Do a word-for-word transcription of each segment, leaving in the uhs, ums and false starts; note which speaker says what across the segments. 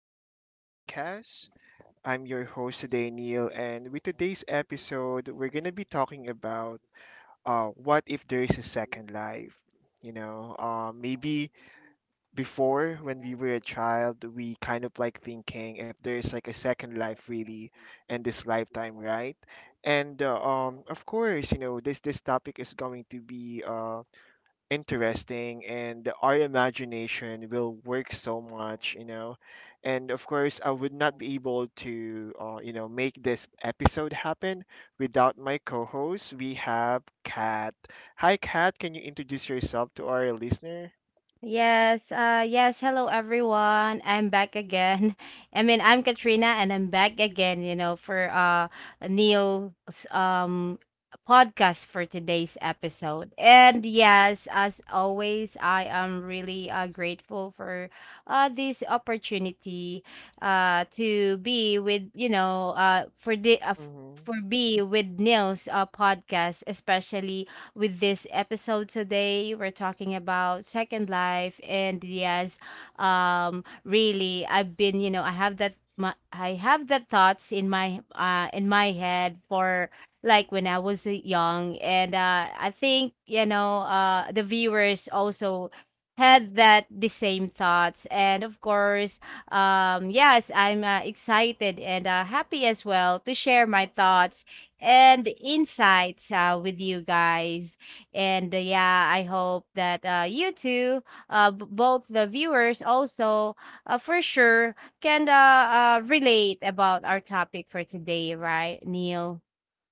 Speaker 1: Hour podcast. I'm your host today, Neil, and with today's episode, we're going to be talking about uh, what if there is a second life? You know, uh, maybe before when we were a child, we kind of like thinking if there is like a second life really in this lifetime, right? And uh, um, of course, you know, this this topic is going to be uh, interesting, and our imagination will work so much, you know. And of course, I would not be able to uh, you know, make this episode happen without my co-host. We have Kat. Hi, Kat, can you introduce yourself to our listener?
Speaker 2: Yes, uh yes, hello everyone. I'm back again. I mean, I'm Katrina and I'm back again, you know, for uh Neil's um podcast for today's episode. And yes, as always, I am really uh grateful for uh this opportunity uh to be with, you know, uh for the uh, f-
Speaker 1: Hmm.
Speaker 2: for be with Neil's uh, podcast, especially with this episode today. We're talking about second life, and yes, um, really, I've been, you know, I have that. My, I have that thoughts in my uh in my head for like when I was uh, young and uh I think you know uh the viewers also had that the same thoughts, and of course um yes, i'm uh, excited and uh, happy as well to share my thoughts and insights uh, with you guys. And uh, yeah, I hope that uh, you two, uh, b- both the viewers also, uh, for sure, can uh, uh, relate about our topic for today, right, Neil?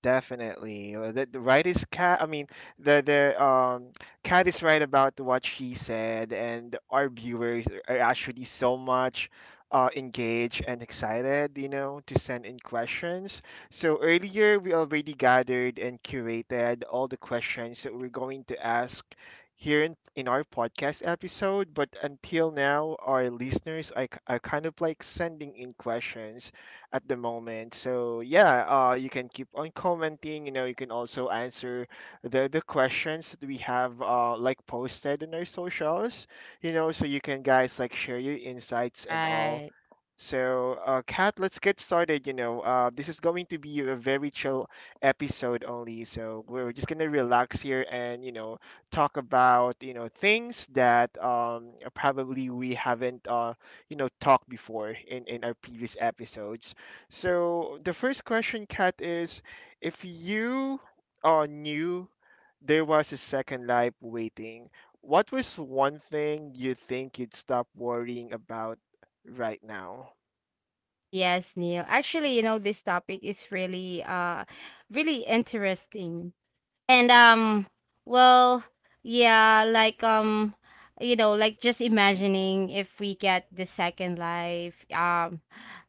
Speaker 1: Definitely. Uh, The, the right is Cat. I mean, the the um Cat is right about what she said, and our viewers are actually so much uh, engaged and excited, you know, to send in questions. So earlier we already gathered and curated all the questions that we're going to ask here in, in our podcast episode. But until now, our listeners are, k- are kind of like sending in questions at the moment. So yeah, uh, you can keep on commenting. You know, you can also answer the the questions that we have uh, like posted in our socials. You know, so you can guys like share your insights and all.
Speaker 2: Right.
Speaker 1: So, uh, Kat, let's get started. You know, uh, this is going to be a very chill episode only. So we're just gonna relax here, and you know, talk about, you know, things that um probably we haven't uh you know talked before in in our previous episodes. So the first question, Kat, is if you uh knew there was a second life waiting, what was one thing you think you'd stop worrying about right now?
Speaker 2: Yes, Neil. Actually, you know, this topic is really, uh, really interesting, and um well yeah like um you know, like just imagining if we get the second life. um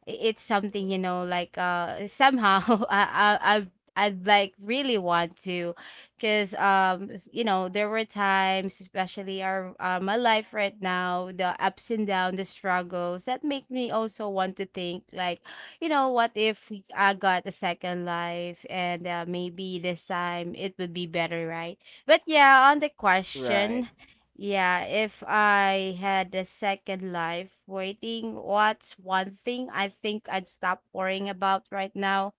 Speaker 2: i- It's something you know like uh somehow i i i I'd like really want to, because um s- you know, there were times, especially our uh, my life right now, the ups and down, the struggles that make me also want to think like, you know, what if we- I got a second life, and uh, maybe this time it would be better, right? But yeah, on the
Speaker 1: Right.
Speaker 2: question, yeah, if I had a second life waiting, what's one thing I think I'd stop worrying about right now?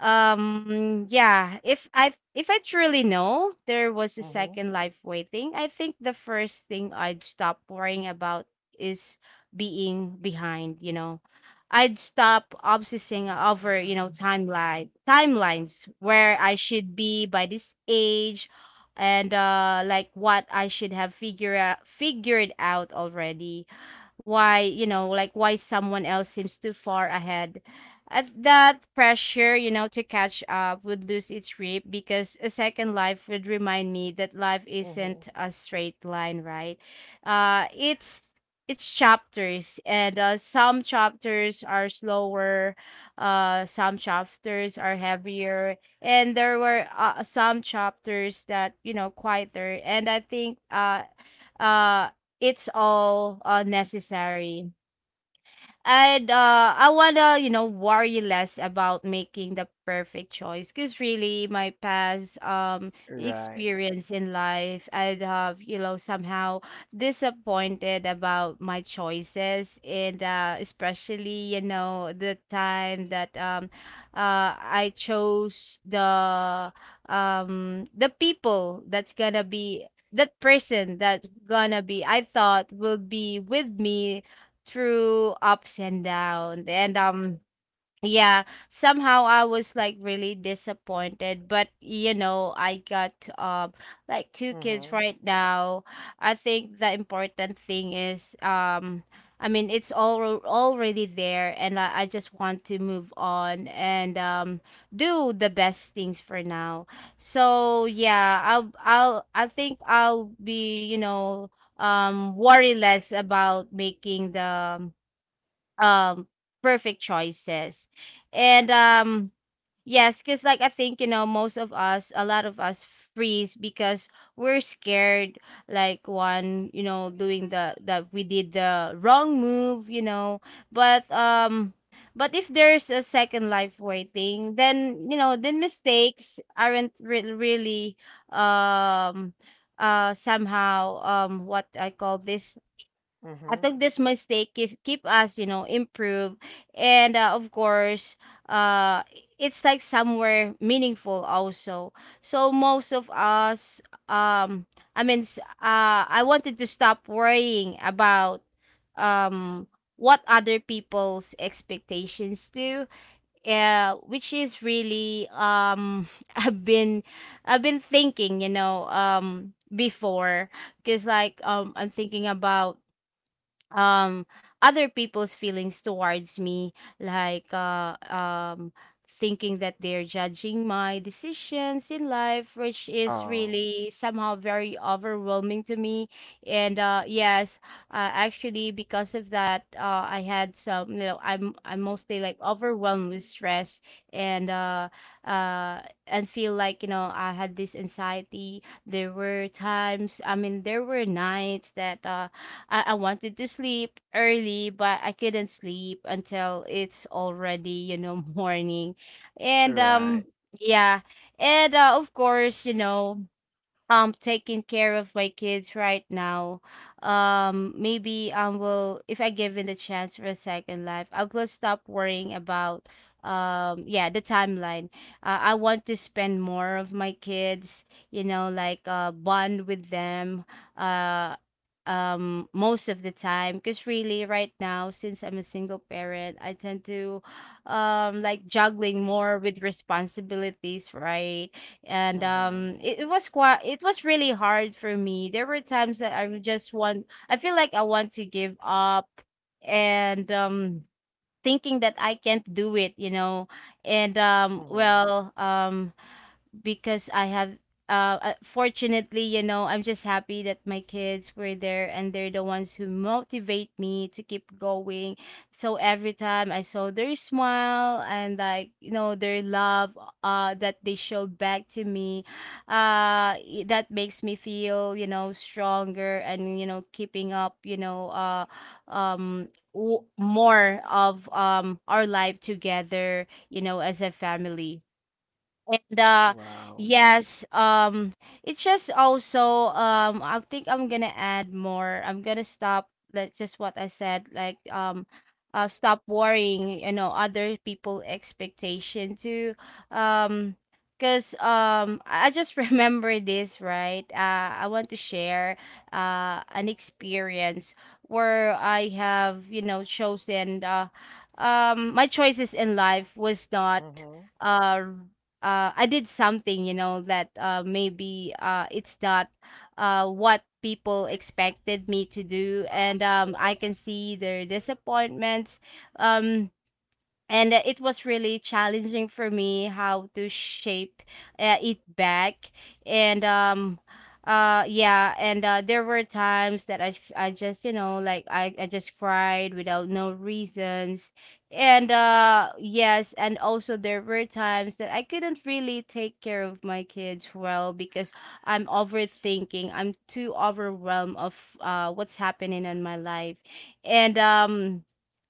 Speaker 2: Um, yeah, if I if I truly know there was a
Speaker 1: Mhm.
Speaker 2: second life waiting, I think the first thing I'd stop worrying about is being behind, you know. I'd stop obsessing over, you know, timeline timelines where I should be by this age, and uh like what I should have figure out, figured out already. Why, you know, like why someone else seems too far ahead at that pressure, you know, to catch up would lose its grip, because a second life would remind me that life
Speaker 1: Mhm.
Speaker 2: isn't a straight line, right? Uh, it's it's chapters, and uh, some chapters are slower, uh, some chapters are heavier, and there were uh, some chapters that you know quieter. And I think uh, uh, it's all uh, necessary, and uh, I wanna, you know, worry less about making the perfect choice. Cause really, my past um
Speaker 1: Right.
Speaker 2: experience in life, I'd have, you know, somehow disappointed about my choices, and uh, especially, you know, the time that um, uh, I chose the um the people that's gonna be, that person that's gonna be, I thought will be with me through ups and downs, and um yeah, somehow I was like really disappointed, but you know, I got um like two
Speaker 1: Mhm.
Speaker 2: kids right now. I think the important thing is, um I mean, it's all already there, and I, I just want to move on and um do the best things for now. So yeah, i'll i'll I think I'll be, you know, um worry less about making the um, um perfect choices, and um yes, because like I think you know, most of us a lot of us freeze because we're scared, like one you know, doing the that we did the wrong move, you know. but um but if there's a second life waiting, then you know, then mistakes aren't re- really um uh somehow um what I call this I
Speaker 1: Mhm.
Speaker 2: think this mistake is keep us, you know, improve, and uh, of course, uh, it's like somewhere meaningful also. So most of us, um, I mean, s- uh, I wanted to stop worrying about, um, what other people's expectations do, uh, which is really, um, I've been, I've been thinking, you know, um, before, because like, um, I'm thinking about um other people's feelings towards me, like uh um thinking that they're judging my decisions in life, which is
Speaker 1: Oh.
Speaker 2: really somehow very overwhelming to me. And uh yes, uh, actually, because of that, uh I had some, you know, i'm I'm mostly like overwhelmed with stress, and uh uh and feel like, you know, I had this anxiety. There were times, I mean, there were nights that uh I, I wanted to sleep early, but I couldn't sleep until it's already, you know, morning. And
Speaker 1: Right.
Speaker 2: um yeah. And uh, of course, you know, um taking care of my kids right now, um maybe um will, if I given the chance for a second life, I will stop worrying about um yeah, the timeline. uh, I want to spend more of my kids, you know, like uh bond with them uh um most of the time, because really right now, since I'm a single parent, I tend to um like juggling more with responsibilities, right? And
Speaker 1: Mhm.
Speaker 2: um it, it was quite, it was really hard for me. There were times that i would just want I feel like I want to give up, and um thinking that I can't do it, you know. And um
Speaker 1: Mhm.
Speaker 2: well, um because I have uh uh, fortunately, you know, I'm just happy that my kids were there, and they're the ones who motivate me to keep going. So every time I saw their smile and like, you know, their love uh that they showed back to me, uh i- that makes me feel, you know, stronger, and you know, keeping up, you know, uh um w- more of um our life together, you know, as a family. And uh
Speaker 1: Wow.
Speaker 2: yes, um it's just also, um I think I'm gonna add more. I'm gonna stop, like just what I said, like um uh stop worrying, you know, other people expectation too. Um because um I I just remember this, right? Uh I want to share uh an experience where I have, you know, chosen uh um my choices in life was not
Speaker 1: Mhm.
Speaker 2: uh uh I did something, you know, that uh maybe uh it's not uh what people expected me to do, and um I can see their disappointments. Um and uh, it was really challenging for me how to shape uh, it back, and um uh yeah, and uh there were times that i f- I just you know like i I just cried without no reasons. And uh yes, and also there were times that I couldn't really take care of my kids well, because I'm overthinking, I'm too overwhelmed of uh what's happening in my life. And um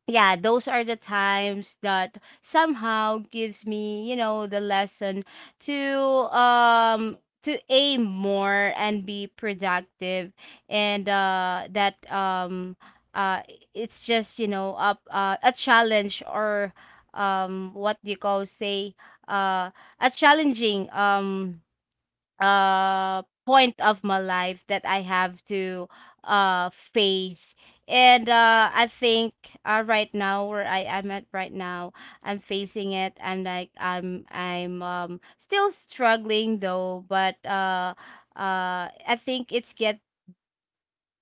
Speaker 2: yeah, those are the times that somehow gives me, you know, the lesson to um to aim more and be productive, and uh that um uh it's just, you know, up uh, a challenge, or um what do you call say uh a challenging um uh point of my life that I have to uh face. And uh I think uh, right now, where I am at right now I'm facing it. I'm like, I'm I'm um still struggling though, but uh uh I think it's get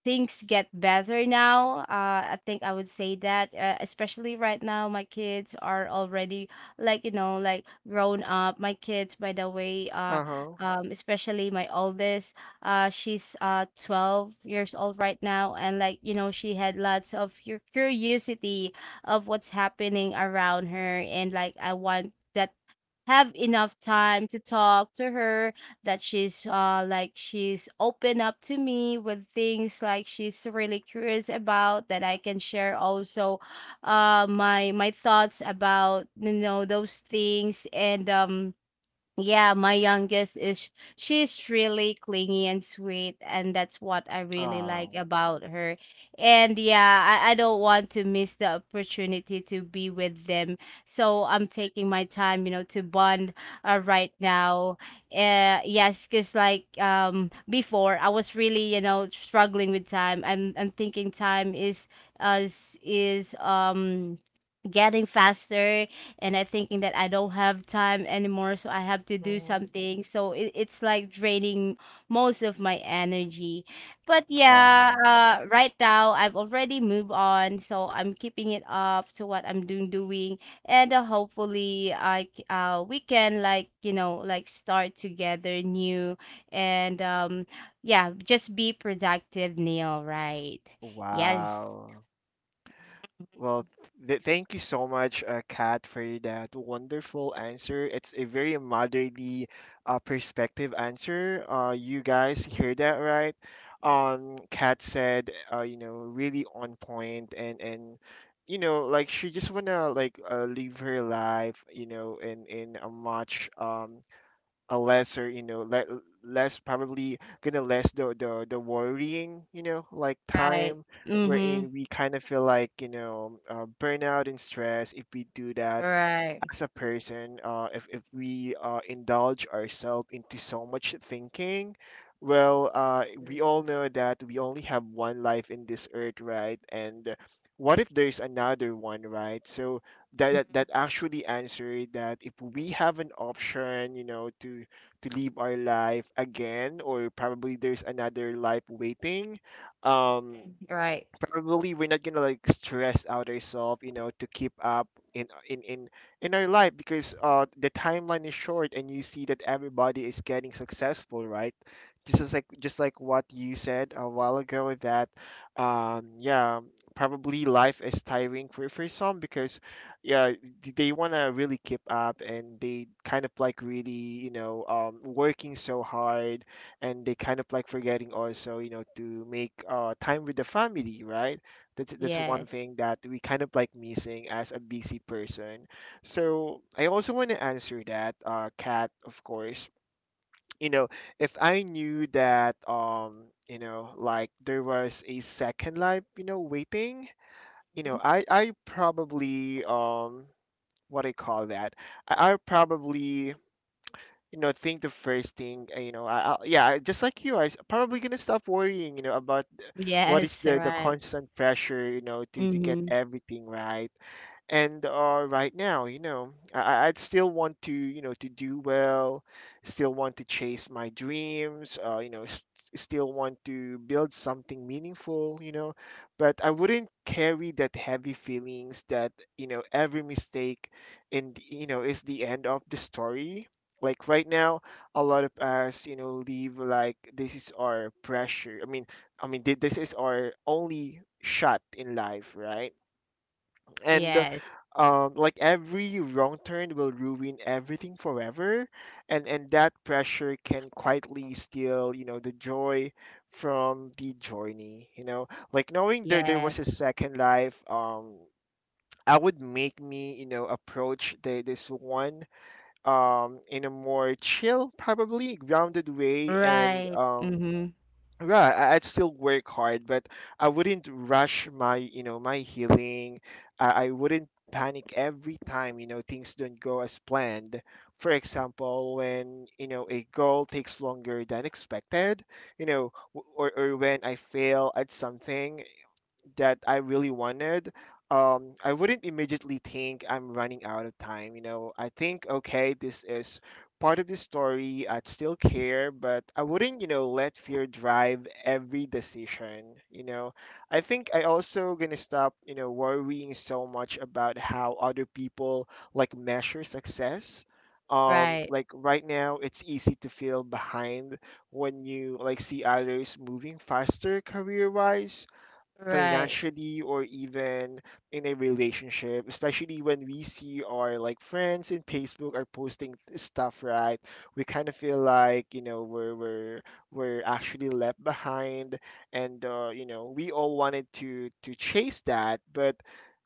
Speaker 2: things get better now. Uh, I think I would say that, uh, especially right now, my kids are already like, you know, like grown up. My kids, by the way, uh,
Speaker 1: Uh huh.
Speaker 2: um, especially my oldest, uh, she's uh twelve years old right now, and like you know, she had lots of your curiosity of what's happening around her, and like I want. That have enough time to talk to her, that she's uh like, she's open up to me with things, like she's really curious about, that I can share also uh my my thoughts about, you know, those things. And um yeah, my youngest is, she's really clingy and sweet, and that's what I really like
Speaker 1: Oh.
Speaker 2: about her. And yeah, I, I don't want to miss the opportunity to be with them. So I'm taking my time, you know, to bond uh, right now. Uh, yes, because like um before, I was really, you know, struggling with time. I'm I'm thinking time is uh, is is um getting faster, and I thinking that I don't have time anymore, so I have to do
Speaker 1: Mhm.
Speaker 2: something. So it, it's like draining most of my energy. But yeah,
Speaker 1: Oh.
Speaker 2: uh, right now I've already moved on, so I'm keeping it up to what I'm doing doing, and uh, hopefully I c- uh we can like, you know, like start together new, and um yeah, just be productive, Neil. Right? Yes.
Speaker 1: Wow. Well, th- thank you so much, uh, Kat, for that wonderful answer. It's a very motherly uh, perspective answer. Uh, you guys hear that, right? Um, Kat said, uh, you know, really on point, and and you know, like she just wanna like uh, live her life, you know, in in a much um a lesser, you know, le- less probably gonna less the, the the worrying, you know, like
Speaker 2: Right.
Speaker 1: time,
Speaker 2: Mm-hmm.
Speaker 1: wherein we kind of feel like, you know, uh, burnout and stress if we do that
Speaker 2: Right.
Speaker 1: as a person. Uh, if, if we uh, indulge ourselves into so much thinking, well, uh, we all know that we only have one life in this earth, right? And what if there's another one, right? So that
Speaker 2: Mhm.
Speaker 1: that, that actually answered that if we have an option, you know, to to live our life again, or probably there's another life waiting, um,
Speaker 2: Right.
Speaker 1: probably we're not gonna like stress out ourselves, you know, to keep up in in in in our life because uh the timeline is short, and you see that everybody is getting successful, right? Just as like, just like what you said a while ago, that um yeah, probably life is tiring for for some because yeah, th- they want to really keep up, and they kind of like really, you know, um working so hard, and they kind of like forgetting also, you know, to make uh, time with the family, right? That's that's one
Speaker 2: Yes.
Speaker 1: thing that we kind of like missing as a busy person. So I also want to answer that, uh cat of course, you know, if I knew that, um you know, like there was a second life, you know, waiting, you
Speaker 2: Mhm.
Speaker 1: know, i i probably, um what i call that, i, I probably, you know, think the first thing, uh, you know, I, I, yeah I- just like you, i s- probably gonna stop worrying, you know, about what is
Speaker 2: Yes,
Speaker 1: the the
Speaker 2: right.
Speaker 1: constant pressure, you know, to to get
Speaker 2: Mm-hmm.
Speaker 1: everything right. And uh, right now, you know, I, I- I'd still want to, you know, to do well. Still want to chase my dreams, uh, you know, s still want to build something meaningful, you know. But I wouldn't carry that heavy feelings that, you know, every mistake and, you know, is the end of the story. Like right now, a lot of us, you know, live like this is our pressure. I mean i mean thi- this is our only shot in life, right? And uh,
Speaker 2: Yes,
Speaker 1: um, like every wrong turn will ruin everything forever, and and that pressure can quietly steal, you know, the joy from the journey, you know. Like knowing there there
Speaker 2: yes.
Speaker 1: was a second life, um I would make me, you know, approach the, this one um in a more chill, probably grounded way, and
Speaker 2: Right.
Speaker 1: um
Speaker 2: Mm-hmm.
Speaker 1: yeah, I- I'd still work hard, but I wouldn't rush my, you know, my healing. I, I wouldn't panic every time, you know, things don't go as planned. For example, when, you know, a goal takes longer than expected, you know, w- or, or when I fail at something that I really wanted, um, I wouldn't immediately think I'm running out of time. You know, I think, okay, this is part of the story. I'd still care, but I wouldn't, you know, let fear drive every decision. You know, I think I also gonna stop, you know, worrying so much about how other people like measure success. Um,
Speaker 2: Right.
Speaker 1: like right now, it's easy to feel behind when you like see others moving faster, career-wise,
Speaker 2: Right.
Speaker 1: financially, or even in a relationship, especially when we see our like friends in Facebook are posting stuff, right? We kind of feel like, you know, we're we're we're actually left behind, and uh, you know, we all wanted to to chase that, but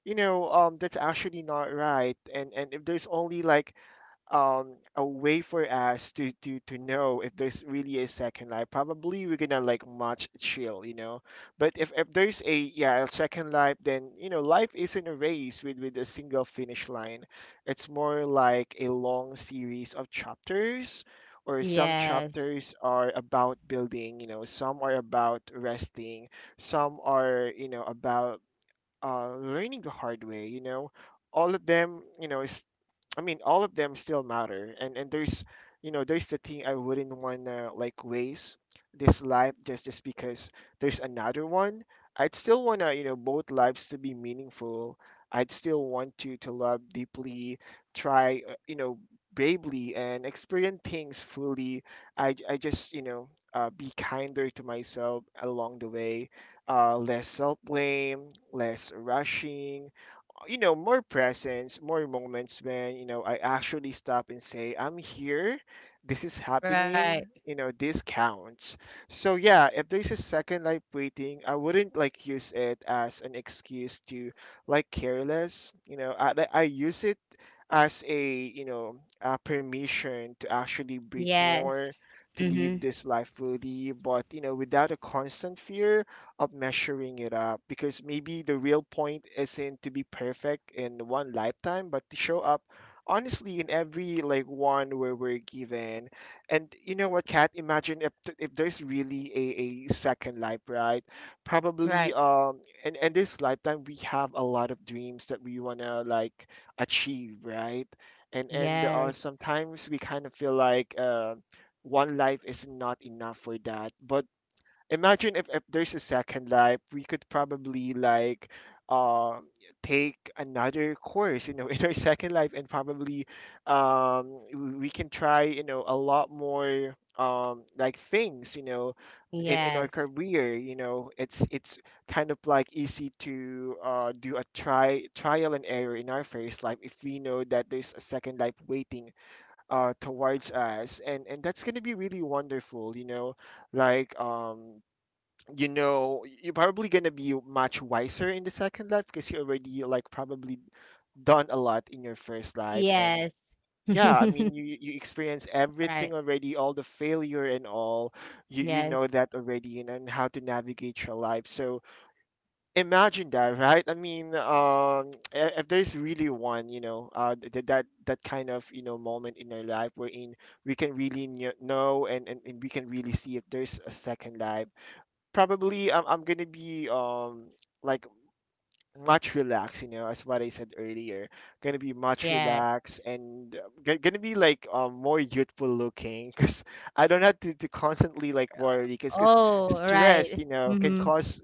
Speaker 1: you know, um that's actually not right. And and if there's only like um a way for us to to to know if there's really a second life, probably we're gonna like much chill, you know. But if, if there's a, yeah, a second life, then you know, life isn't a race with with a single finish line. It's more like a long series of chapters, or some
Speaker 2: Yes.
Speaker 1: chapters are about building, you know, some are about resting, some are, you know, about uh, learning the hard way, you know. All of them, you know, I mean, all of them still matter, and and there's, you know, there's the thing I wouldn't wanna like waste this life just just because there's another one. I'd still wanna, you know, both lives to be meaningful. I'd still want to to love deeply, try, uh, you know, bravely, and experience things fully. I I just, you know, uh, be kinder to myself along the way. Uh, less self blame, less rushing, you know, more presence, more moments when, you know, I actually stop and say, I'm here, this is
Speaker 2: Right.
Speaker 1: happening, you know, this counts. So yeah, if there's a second life waiting, I wouldn't like use it as an excuse to like careless, you know, i, I I use it as a, you know, a permission to actually breathe
Speaker 2: Yes.
Speaker 1: more, to
Speaker 2: Mm-hmm.
Speaker 1: live this life fully, but you know, without a constant fear of measuring it up, because maybe the real point isn't to be perfect in one lifetime, but to show up honestly in every like one where we're given. And you know what, Kat? Imagine if th- if there's really a, a second life, right?
Speaker 2: Right.
Speaker 1: Probably, um and and this lifetime we have a lot of dreams that we wanna like achieve, right? And and
Speaker 2: Yes.
Speaker 1: uh, sometimes we kind of feel like, uh, one life is not enough for that. But imagine if, if there's a second life, we could probably like um take another course, you know, in our second life. And probably, um w- we can try, you know, a lot more um like things, you know, in in our
Speaker 2: Yes.
Speaker 1: career, you know, it's it's kind of like easy to uh do a try trial and error in our first life if we know that there's a second life waiting uh towards us. And and that's going to be really wonderful, you know, like, um you know, you're probably gonna be much wiser in the second life because you already like probably done a lot in your first life, and
Speaker 2: Yes.
Speaker 1: yeah, I mean, you you experience
Speaker 2: Right.
Speaker 1: everything already, all the failure and all. you you know
Speaker 2: Yes.
Speaker 1: that already, and, and how to navigate your life. So imagine that, right? I mean, um i- if there's really one, you know, uh th- that that kind of, you know, moment in our life wherein we can really kn- know, and, and and we can really see if there's a second life, probably I'm, I'm gonna be um like much relaxed, you know, as what I said earlier. Gonna be much
Speaker 2: Yes.
Speaker 1: relaxed and uh, g- gonna be like um, more youthful looking because I don't have to, to constantly like worry because because
Speaker 2: Oh,
Speaker 1: stress,
Speaker 2: right.
Speaker 1: you know, can
Speaker 2: Mm-hmm.
Speaker 1: cause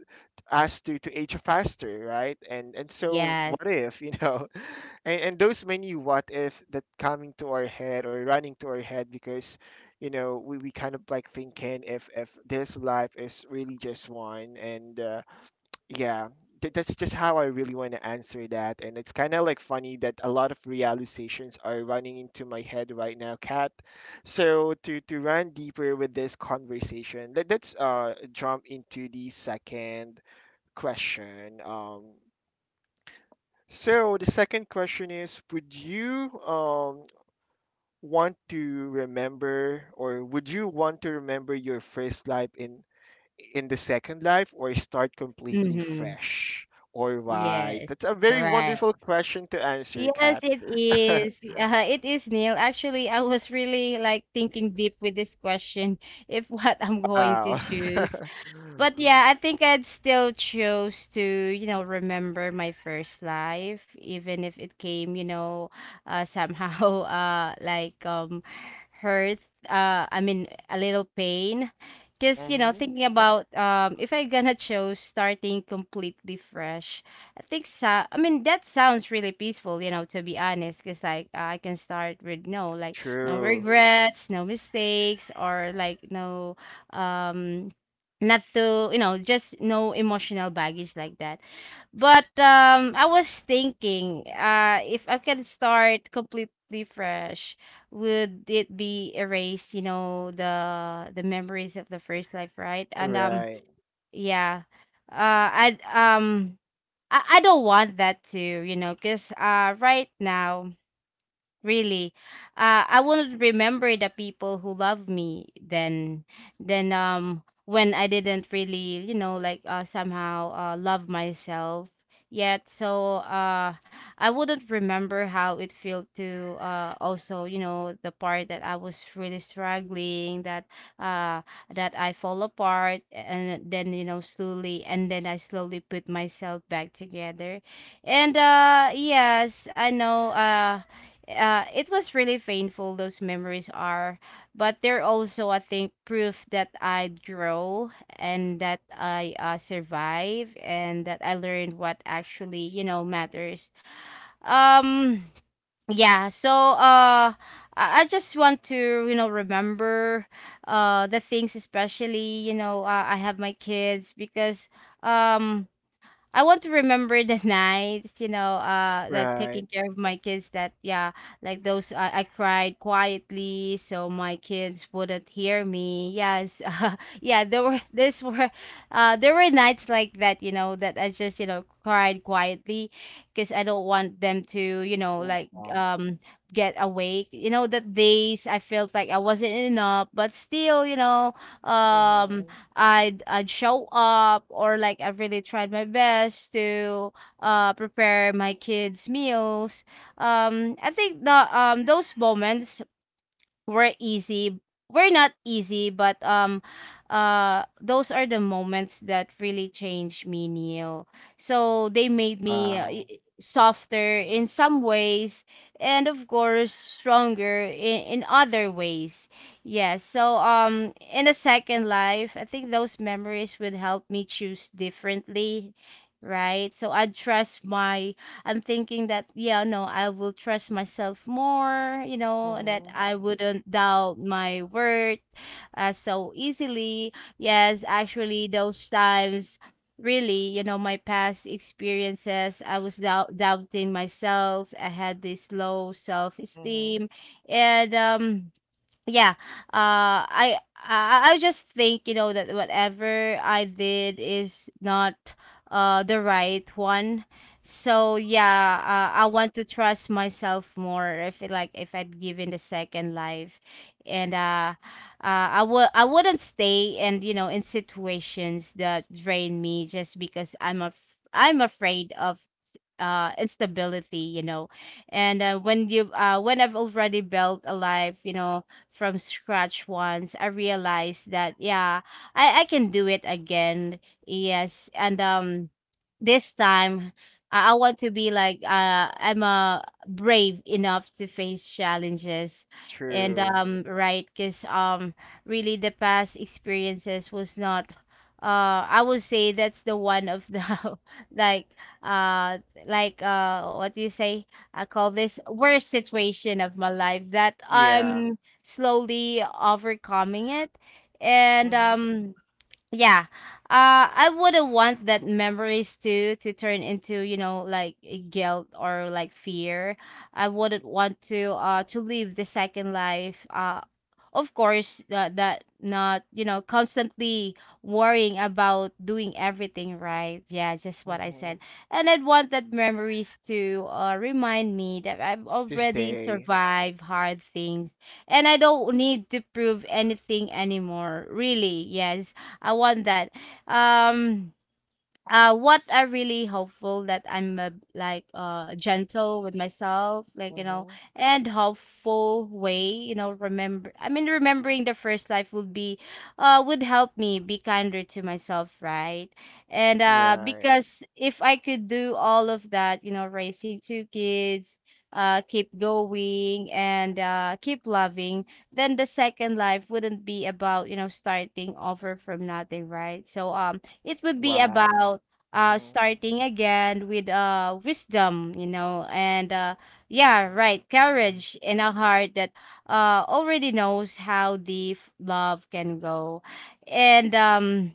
Speaker 1: us to, to age faster, right? And and so
Speaker 2: Yes.
Speaker 1: what if, you know, and, and those many what if that coming to our head or running to our head because you know we, we kind of like thinking if if this life is really just one and uh, yeah, th- that's just how I really want to answer that. And it's kind of like funny that a lot of realizations are running into my head right now, Kat. So to to run deeper with this conversation, let, let's uh jump into the second question. Um, so the second question is, would you um want to remember, or would you want to remember your first life in in the second life, or start completely
Speaker 2: Mm-hmm.
Speaker 1: fresh? Or why?
Speaker 2: Yes.
Speaker 1: That's a very
Speaker 2: Right.
Speaker 1: wonderful question to answer,
Speaker 2: Yes,
Speaker 1: Kat.
Speaker 2: it is. Uh, it is, Neil. Actually, I was really like thinking deep with this question if what I'm going to
Speaker 1: Wow.
Speaker 2: choose. But yeah, I think I'd still choose to, you know, remember my first life, even if it came, you know, uh, somehow, uh, like um, hurt. Uh, I mean, a little pain, because you know,
Speaker 1: Mm-hmm.
Speaker 2: thinking about um, if I gonna choose starting completely fresh, I think so. I mean, that sounds really peaceful, you know, to be honest, because like I can start with no, like no
Speaker 1: True.
Speaker 2: regrets, no mistakes, or like no, um not to, you know, just no emotional baggage like that. But um I was thinking, uh if I can start completely fresh, would it be erase, you know, the the memories of the first life, right? And um
Speaker 1: Right.
Speaker 2: yeah, uh i um i, I don't want that to, you know, because uh right now. Really, uh, I will remember the people who love me then. Then, um, when I didn't really, you know, like uh, somehow uh, love myself yet, so uh, I wouldn't remember how it felt to, uh, also, you know, the part that I was really struggling, that uh, that I fall apart, and then you know slowly, and then I slowly put myself back together, and uh, yes, I know, uh uh, it was really painful those memories are, but they're also I think proof that I grow, and that I, uh, survive, and that I learned what actually, you know, matters. um yeah so uh i I just want to, you know, remember uh the things, especially, you know, uh, I have my kids, because um I want to remember the nights, you know, uh, that
Speaker 1: Right.
Speaker 2: taking care of my kids. That yeah, like those I, I cried quietly so my kids wouldn't hear me. Yes, uh, yeah, there were this were, uh, there were nights like that, you know, that I just you know cried quietly, because I don't want them to, you know, like
Speaker 1: Wow.
Speaker 2: um get awake. You know, that days I felt like I wasn't enough, but still, you know,
Speaker 1: Mm-hmm.
Speaker 2: um I'd I'd show up, or like I really tried my best to uh prepare my kids meals. Um I think the um those moments we're easy we're not easy, but um uh those are the moments that really changed me, Neil. So they made me, uh, y-
Speaker 1: Wow.
Speaker 2: softer in some ways, and of course stronger in, in other ways. Yes, so um in a second life I think those memories would help me choose differently, right? so I trust my I'm thinking that yeah, no, I will trust myself more, you know, that
Speaker 1: Mm-hmm.
Speaker 2: I wouldn't doubt my worth uh, so easily. Yes, actually those times really, you know, my past experiences, I was doubt- doubting myself. I had this low
Speaker 1: Mm-hmm.
Speaker 2: self-esteem, and um yeah uh I I, I just think, you know, that whatever I did is not uh the right one. So yeah, uh, I want to trust myself more. If it, like if I'd given the second life, and uh, uh I would I wouldn't stay, and you know, in situations that drain me, just because I'm a I'm afraid of s- uh instability. You know, and uh, when you uh when I've already built a life, you know, from scratch once, I realized that yeah, I I can do it again. Yes, and um, this time I, I want to be like uh I'm uh, brave enough to face challenges, and
Speaker 1: True.
Speaker 2: um right, because um really the past experiences was not. Uh, I would say that's the one of the like uh like uh what do you say, I call this worst situation of my life, that
Speaker 1: Yeah.
Speaker 2: I'm slowly overcoming it. And
Speaker 1: Mm-hmm.
Speaker 2: um Yeah. Uh I wouldn't want that memories to to turn into, you know, like a guilt or like fear. I wouldn't want to uh to live the second life. Uh of course that that not, you know, constantly worrying about doing everything right. Yeah, just what I
Speaker 1: Mm-hmm.
Speaker 2: said. And I'd want that memories to uh remind me that I've
Speaker 1: To
Speaker 2: already
Speaker 1: stay.
Speaker 2: survived hard things, and I don't need to prove anything anymore. Really, yes, I want that. Um, uh what I really hopeful that I'm uh, like uh gentle with myself, like, you know,
Speaker 1: Mm-hmm.
Speaker 2: and hopeful way, you know, remember i mean remembering the first life would be uh would help me be kinder to myself, right? And uh
Speaker 1: Right.
Speaker 2: because if I could do all of that, you know, raising two kids, uh keep going and uh keep loving, then the second life wouldn't be about, you know, starting over from nothing, right? So um it would be
Speaker 1: Wow.
Speaker 2: about uh
Speaker 1: Mm-hmm.
Speaker 2: starting again with uh wisdom, you know, and uh yeah, right, courage in a heart that uh already knows how deep love can go. And um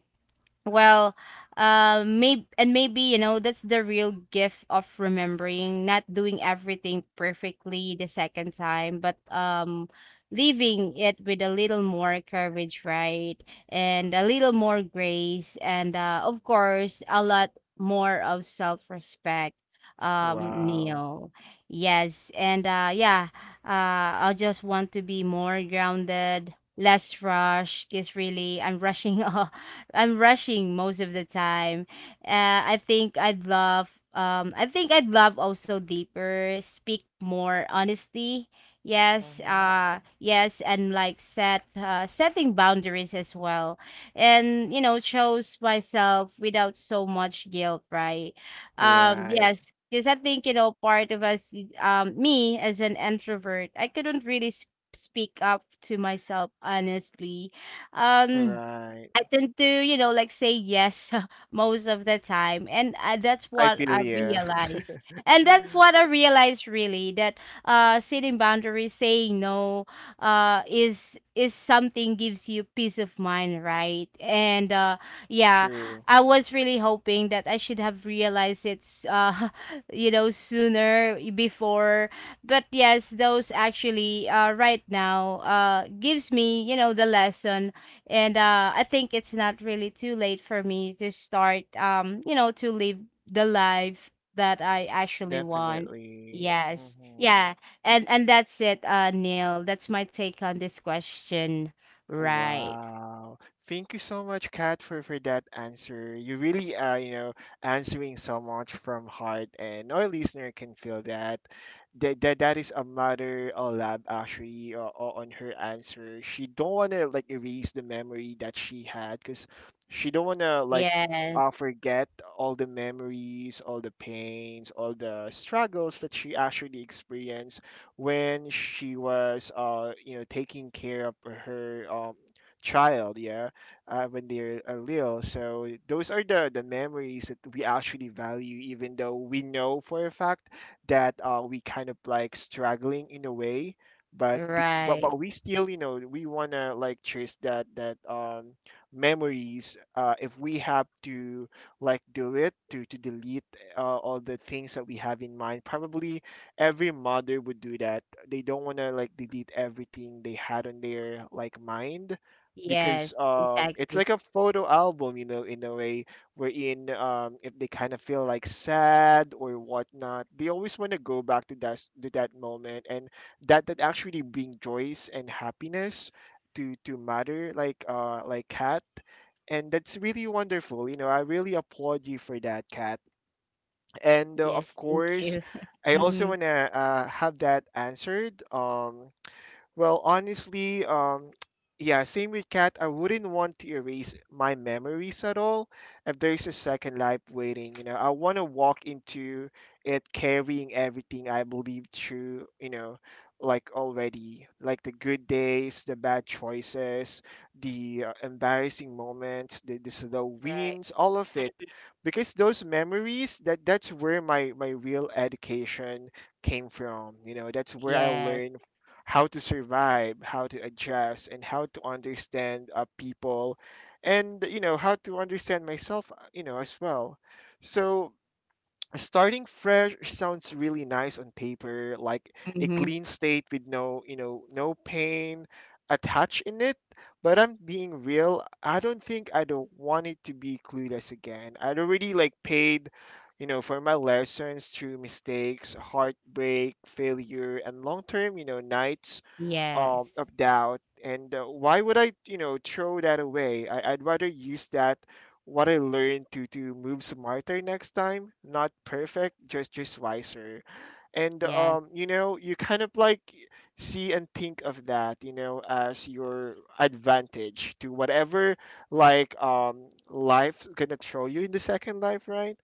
Speaker 2: well, uh, maybe and maybe you know that's the real gift of remembering, not doing everything perfectly the second time, but um, leaving it with a little more courage, right? And a little more grace, and uh, of course, a lot more of self-respect. Um,
Speaker 1: Wow.
Speaker 2: Neil, yes, and uh, yeah, uh, I just want to be more grounded, less rushed, because really I'm rushing off. I'm rushing most of the time. Uh, I think I'd love um I think I'd love also deeper, speak more honestly. Yes,
Speaker 1: Mm-hmm.
Speaker 2: uh yes, and like set uh setting boundaries as well. And you know, chose myself without so much guilt, right? Um
Speaker 1: Right.
Speaker 2: yes, because I think, you know, part of us um me as an introvert, I couldn't really sp- speak up to myself honestly. Um
Speaker 1: Right.
Speaker 2: I tend to, you know, like say yes most of the time. And uh, that's
Speaker 1: I
Speaker 2: what
Speaker 1: feel,
Speaker 2: I
Speaker 1: yeah,
Speaker 2: realized. And that's what I realized really that uh setting boundaries, saying no, uh is is something gives you peace of mind, right? And uh yeah,
Speaker 1: true,
Speaker 2: I was really hoping that I should have realized it uh you know sooner before. But yes, those actually uh right now uh gives me, you know, the lesson. And uh, I think it's not really too late for me to start, um, you know, to live the life that I actually want.
Speaker 1: definitely.
Speaker 2: Yes,
Speaker 1: Hmm.
Speaker 2: yeah, and and that's it, uh, Neil. That's my take on this question. Right.
Speaker 1: Wow. Thank you so much, Kat, for for that answer. You really are, you know, answering so much from heart, and our listener can feel that. That that, that is a matter of lab actually uh, uh, on her answer. She don't wanna like erase the memory that she had, cause she don't wanna like
Speaker 2: Yes.
Speaker 1: uh, forget all the memories, all the pains, all the struggles that she actually experienced when she was uh you know taking care of her um child, yeah, uh, when they're uh, little. So those are the the memories that we actually value, even though we know for a fact that uh, we kind of like struggling in a way, but, bet- but
Speaker 2: Right.
Speaker 1: but we still, you know we want to like chase that that um memories. Uh if we have to like do it to to delete uh, all the things that we have in mind, probably every mother would do that. They don't want to like delete everything they had on their like mind, because
Speaker 2: Yes.
Speaker 1: um it's like
Speaker 2: Exactly.
Speaker 1: a photo album, you know, in a way, wherein um if they kind of feel like sad or whatnot, they always want to go back to that, to that moment, and that that actually bring joys and happiness to to matter, like uh like cat. And that's really wonderful. You know, I really applaud you for that, Kat. And uh, of
Speaker 2: Yes. Thank
Speaker 1: course,
Speaker 2: you.
Speaker 1: I also
Speaker 2: Mm-hmm.
Speaker 1: want to uh, have that answered. Um, well, honestly, um, yeah, same with Kat. I wouldn't want to erase my memories at all. If there's a second life waiting, you know, I want to walk into it carrying everything I believed through, you know, like already, like the good days, the bad choices, the uh, embarrassing moments, the, the slow
Speaker 2: Right.
Speaker 1: wins, all of it.
Speaker 2: Mm.
Speaker 1: Because those memories, that that's where my my real education came from. You know, that's where I
Speaker 2: Yes.
Speaker 1: learned how to survive, how to adjust, and how to understand uh, people, and you know how to understand myself, uh, you know as well. So starting fresh sounds really nice on paper, like a
Speaker 2: Mm-hmm.
Speaker 1: clean state with no, you know no pain attached in it. But I'm being real. I don't think I don't want it to be clueless again. I'd already like paid, you know, for my lessons through mistakes, heartbreak, failure, and long term, you know, nights um,
Speaker 2: Yes.
Speaker 1: of doubt. And uh, why would I, you know, throw that away? I, I'd rather use that what I learned to to move smarter next time. Not perfect, just just wiser. And
Speaker 2: Yes.
Speaker 1: um, you know, you kind of like see and think of that, you know, as your advantage to whatever like um life's gonna throw you in the second life, right?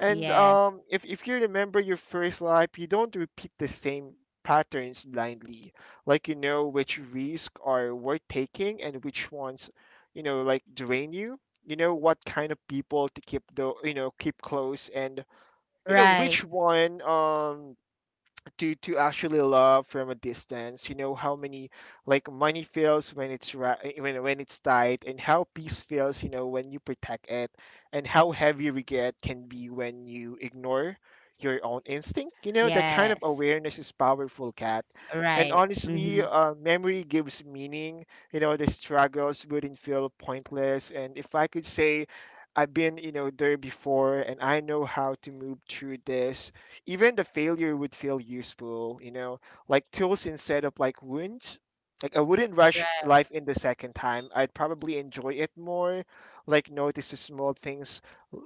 Speaker 1: And
Speaker 2: Yes.
Speaker 1: um, if if you remember your first life, you don't repeat the same patterns blindly, like, you know which risks are worth taking, and which ones, you know like, drain you, you know, what kind of people to keep, the, you know keep close, and, you know which
Speaker 2: Right.
Speaker 1: one um to to actually love from a distance. You know how many, like, money feels when it's right, when, when it's tight, and how peace feels, you know when you protect it, and how heavy regret can be when you ignore your own instinct. You know, that kind of
Speaker 2: Yes.
Speaker 1: awareness is powerful, cat. And
Speaker 2: Right. Mm-hmm.
Speaker 1: honestly uh, memory gives meaning. You know, the struggles wouldn't feel pointless. And if I could say I've been, you know, there before, and I know how to move through this. Even the failure would feel useful, you know, like tools instead of like wounds. Like, I wouldn't rush
Speaker 2: Right.
Speaker 1: life in the second time. I'd probably enjoy it more, like, notice the small things,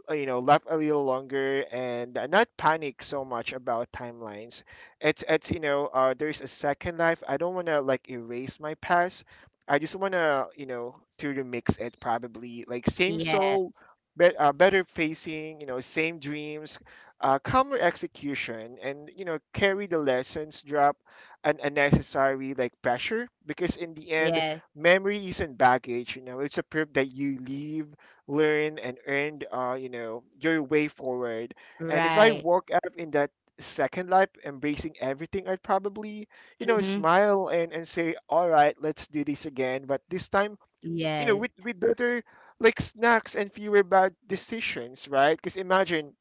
Speaker 1: uh, you know, laugh a little longer, and uh, not panic so much about timelines. It's it's you know, uh, there's a second life. I don't want to like erase my past. I just want to, you know, to remix it, probably, like, same soul,
Speaker 2: Yes,
Speaker 1: bet uh, better facing, you know, same dreams, uh, calmer execution, and, you know, carry the lessons, drop an unnecessary like pressure, because in the end,
Speaker 2: yes,
Speaker 1: memory isn't baggage. You know, it's a proof that you leave, learn, and earned uh, you know your way forward. And if I
Speaker 2: right.
Speaker 1: walk out in that second life embracing everything, I'd probably, you know
Speaker 2: Mhm.
Speaker 1: smile and and say, all right, let's do this again, but this time, you know
Speaker 2: Yes,
Speaker 1: with with better like snacks and fewer bad decisions, right? Because imagine,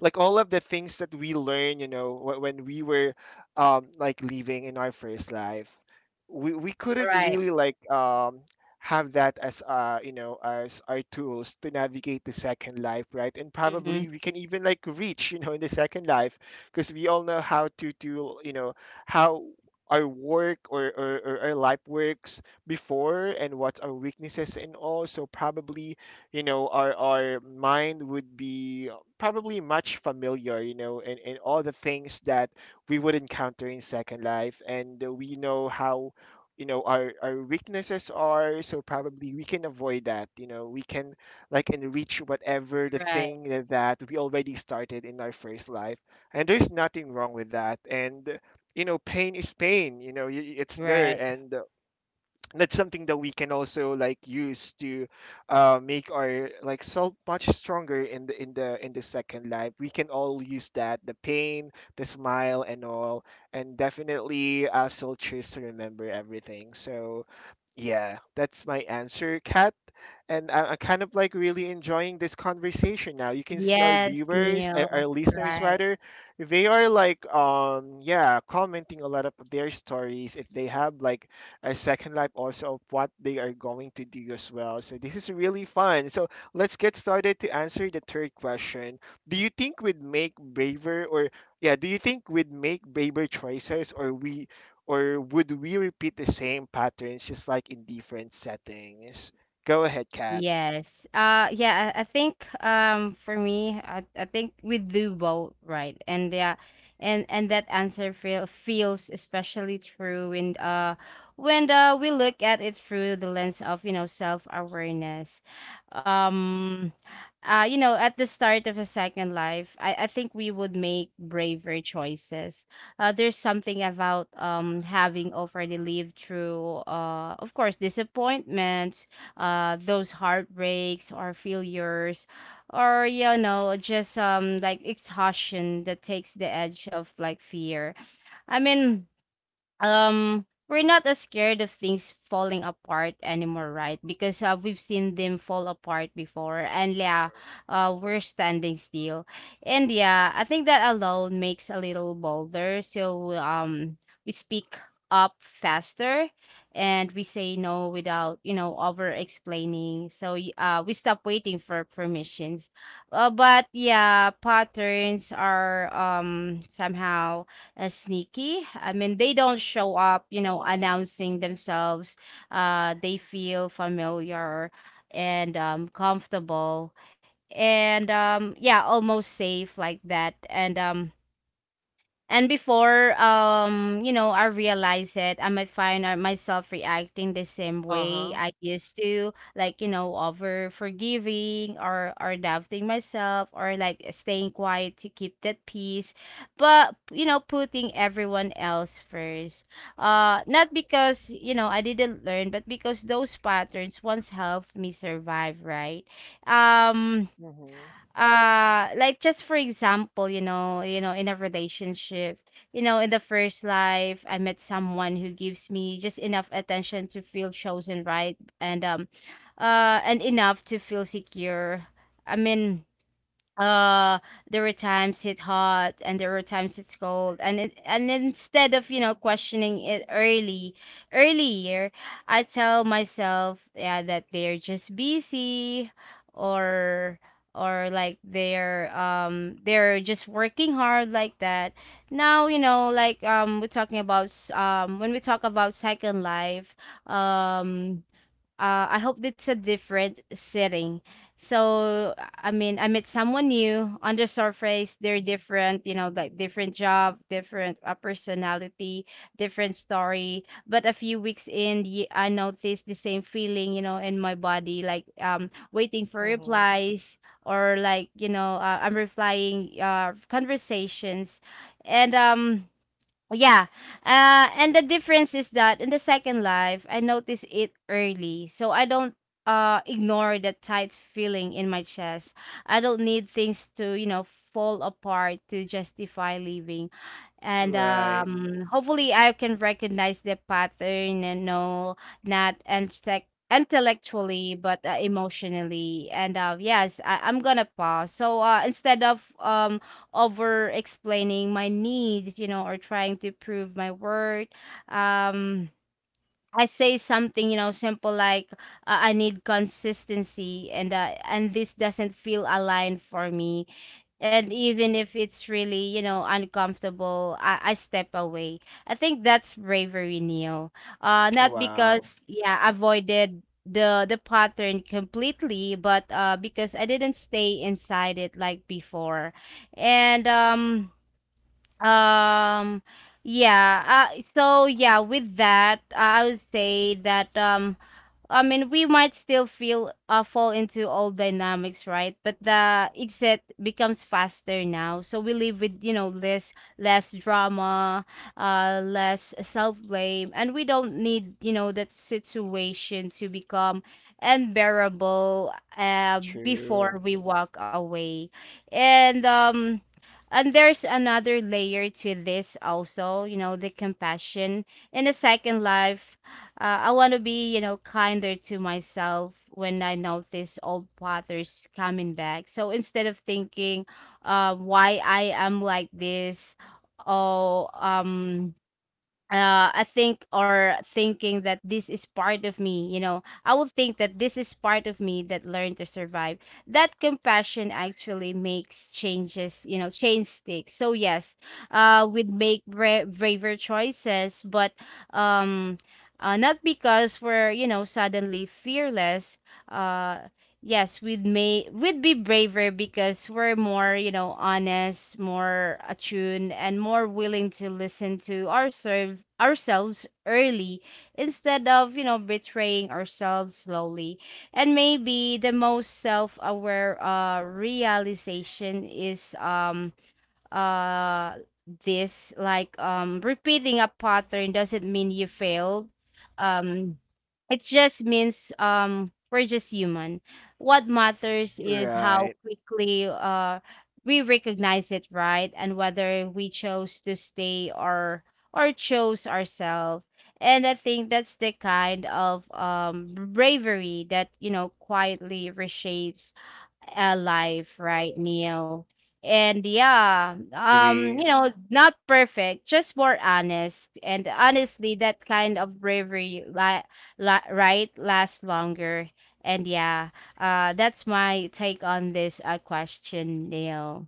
Speaker 1: like, all of the things that we learn, you know, wh- when we were um, like, living in our first life, we, we couldn't
Speaker 2: right.
Speaker 1: really like um, have that as uh, you know as our tools to navigate the second life, right? And probably
Speaker 2: Mhm.
Speaker 1: we can even like reach, you know, in the second life, because we all know how to do, you know, how our work, or, or, or our life works before, and what our weaknesses and all. So probably, you know, our our mind would be probably much familiar, you know, in, in all the things that we would encounter in Second Life. And uh, we know how, you know, our, our weaknesses are. So probably we can avoid that. You know, we can like enrich whatever the
Speaker 2: Right,
Speaker 1: thing that that we already started in our first life. And there's nothing wrong with that. And, uh, you know, pain is pain, you know, y- y- it's there.
Speaker 2: right.
Speaker 1: And, that's something that we can also like use to uh, make our like salt much stronger in the in the in the second life. We can all use that, the pain, the smile, and all. And definitely uh, still choose to remember everything. So yeah, that's my answer, Kat. And I, i'm kind of like really enjoying this conversation. Now you can see our
Speaker 2: Yes,
Speaker 1: viewers, our,
Speaker 2: Neil.
Speaker 1: our listeners
Speaker 2: Right.
Speaker 1: rather, they are like um yeah, commenting a lot of their stories, if they have like a second life also, of what they are going to do as well. So this is really fun. So let's get started to answer the third question. Do you think we'd make braver, or yeah, do you think we'd make braver choices, or we or would we repeat the same patterns, just like, in different settings? Go ahead, Kat.
Speaker 2: Yes. Uh yeah, I, I think um for me I, I think we do both, right? And yeah, and and that answer feel feels especially true when uh when uh we look at it through the lens of, you know, self-awareness. Um uh you know, at the start of a second life, I I think we would make braver choices. Uh there's something about um having already lived through, uh of course, disappointment, uh those heartbreaks or failures, or you know just um like exhaustion, that takes the edge of like fear. i mean um we're not as scared of things falling apart anymore, right? Because uh, we've seen them fall apart before, and yeah, uh we're standing still. And yeah, I think that alone makes a little bolder. So um we speak up faster, and we say no without, you know, over explaining. So y- uh we stop waiting for permissions. Uh, but yeah, patterns are um somehow, uh, sneaky. I mean, they don't show up, you know, announcing themselves. Uh, they feel familiar and um, comfortable, and um, yeah, almost safe like that. And um, and before, um, you know, I realize it, I might find out myself reacting the same way I used to, like, you know, over forgiving, or or doubting myself, or like staying quiet to keep that peace, but you know, putting everyone else first. Uh, not because you know I didn't learn, but because those patterns once helped me survive, right? Um
Speaker 1: Mm-hmm.
Speaker 2: uh like just for example, you know you know, in a relationship, you know, in the first life I met someone who gives me just enough attention to feel chosen, right? and um uh and enough to feel secure. i mean uh there were times it's hot, and there were times it's cold, and it, and instead of, you know, questioning it early earlier, I tell myself yeah, that they're just busy, or or like they're um they're just working hard like that. Now you know, like um we're talking about s- um when we talk about second life, um uh, I hope it's a different setting. So, I mean, I met someone new on the surface. They're different, you know, like different job, different uh, personality, different story. But a few weeks in, y- I noticed the same feeling, you know, in my body, like um, waiting for
Speaker 1: Mm-hmm.
Speaker 2: replies, or like, you know, uh, I'm replying uh, conversations. And um, Oh, yeah. Uh, and the difference is that in the second life, I noticed it early. So I don't uh, ignore the tight feeling in my chest. I don't need things to, you know, fall apart to justify leaving. And
Speaker 1: Right.
Speaker 2: um, Hopefully I can recognize the pattern and know not intellect intellectually but uh, emotionally. And uh yes, I- I'm gonna pause. So uh instead of um over explaining my needs, you know, or trying to prove my worth. Um, I say something, you know, simple like, uh, I need consistency, and uh, and this doesn't feel aligned for me. And even if it's really, you know, uncomfortable, i, I step away. I think that's bravery, Neil. Uh not
Speaker 1: Wow.
Speaker 2: because, yeah, I avoided the the pattern completely, but uh because I didn't stay inside it like before. And um um, yeah. Uh, so yeah, with that, I would say that, um, I mean, we might still feel, uh, fall into old dynamics, right? But the exit becomes faster now, so we live with, you know, less less drama, uh, less self blame, and we don't need, you know, that situation to become unbearable uh before
Speaker 1: True.
Speaker 2: we walk away. and um. And there's another layer to this also, you know, the compassion. In a second life, uh, I want to be, you know, kinder to myself when I notice old patterns coming back. So instead of thinking, uh, why I am like this, or um, uh, I think or thinking that this is part of me, you know, I would think that this is part of me that learned to survive. That compassion actually makes changes, you know, change sticks. So yes, uh, we'd make bra- braver choices, but, um, uh, not because we're, you know, suddenly fearless. Uh, yes, we'd may we'd be braver because we're more, you know, honest, more attuned, and more willing to listen to ourselves ourselves early instead of, you know, betraying ourselves slowly. And maybe the most self-aware uh realization is, um uh this, like, um repeating a pattern doesn't mean you failed. um it just means, um we're just human. What matters is how
Speaker 1: Right.
Speaker 2: quickly uh we recognize it, right, and whether we chose to stay or or chose ourselves. And I think that's the kind of um bravery that, you know, quietly reshapes a life, right, Neil? And yeah, um,
Speaker 1: Agree.
Speaker 2: you know, not perfect, just more honest. And honestly, that kind of bravery, li- li- right, lasts longer. And yeah, uh, that's my take on this uh, question, Neil.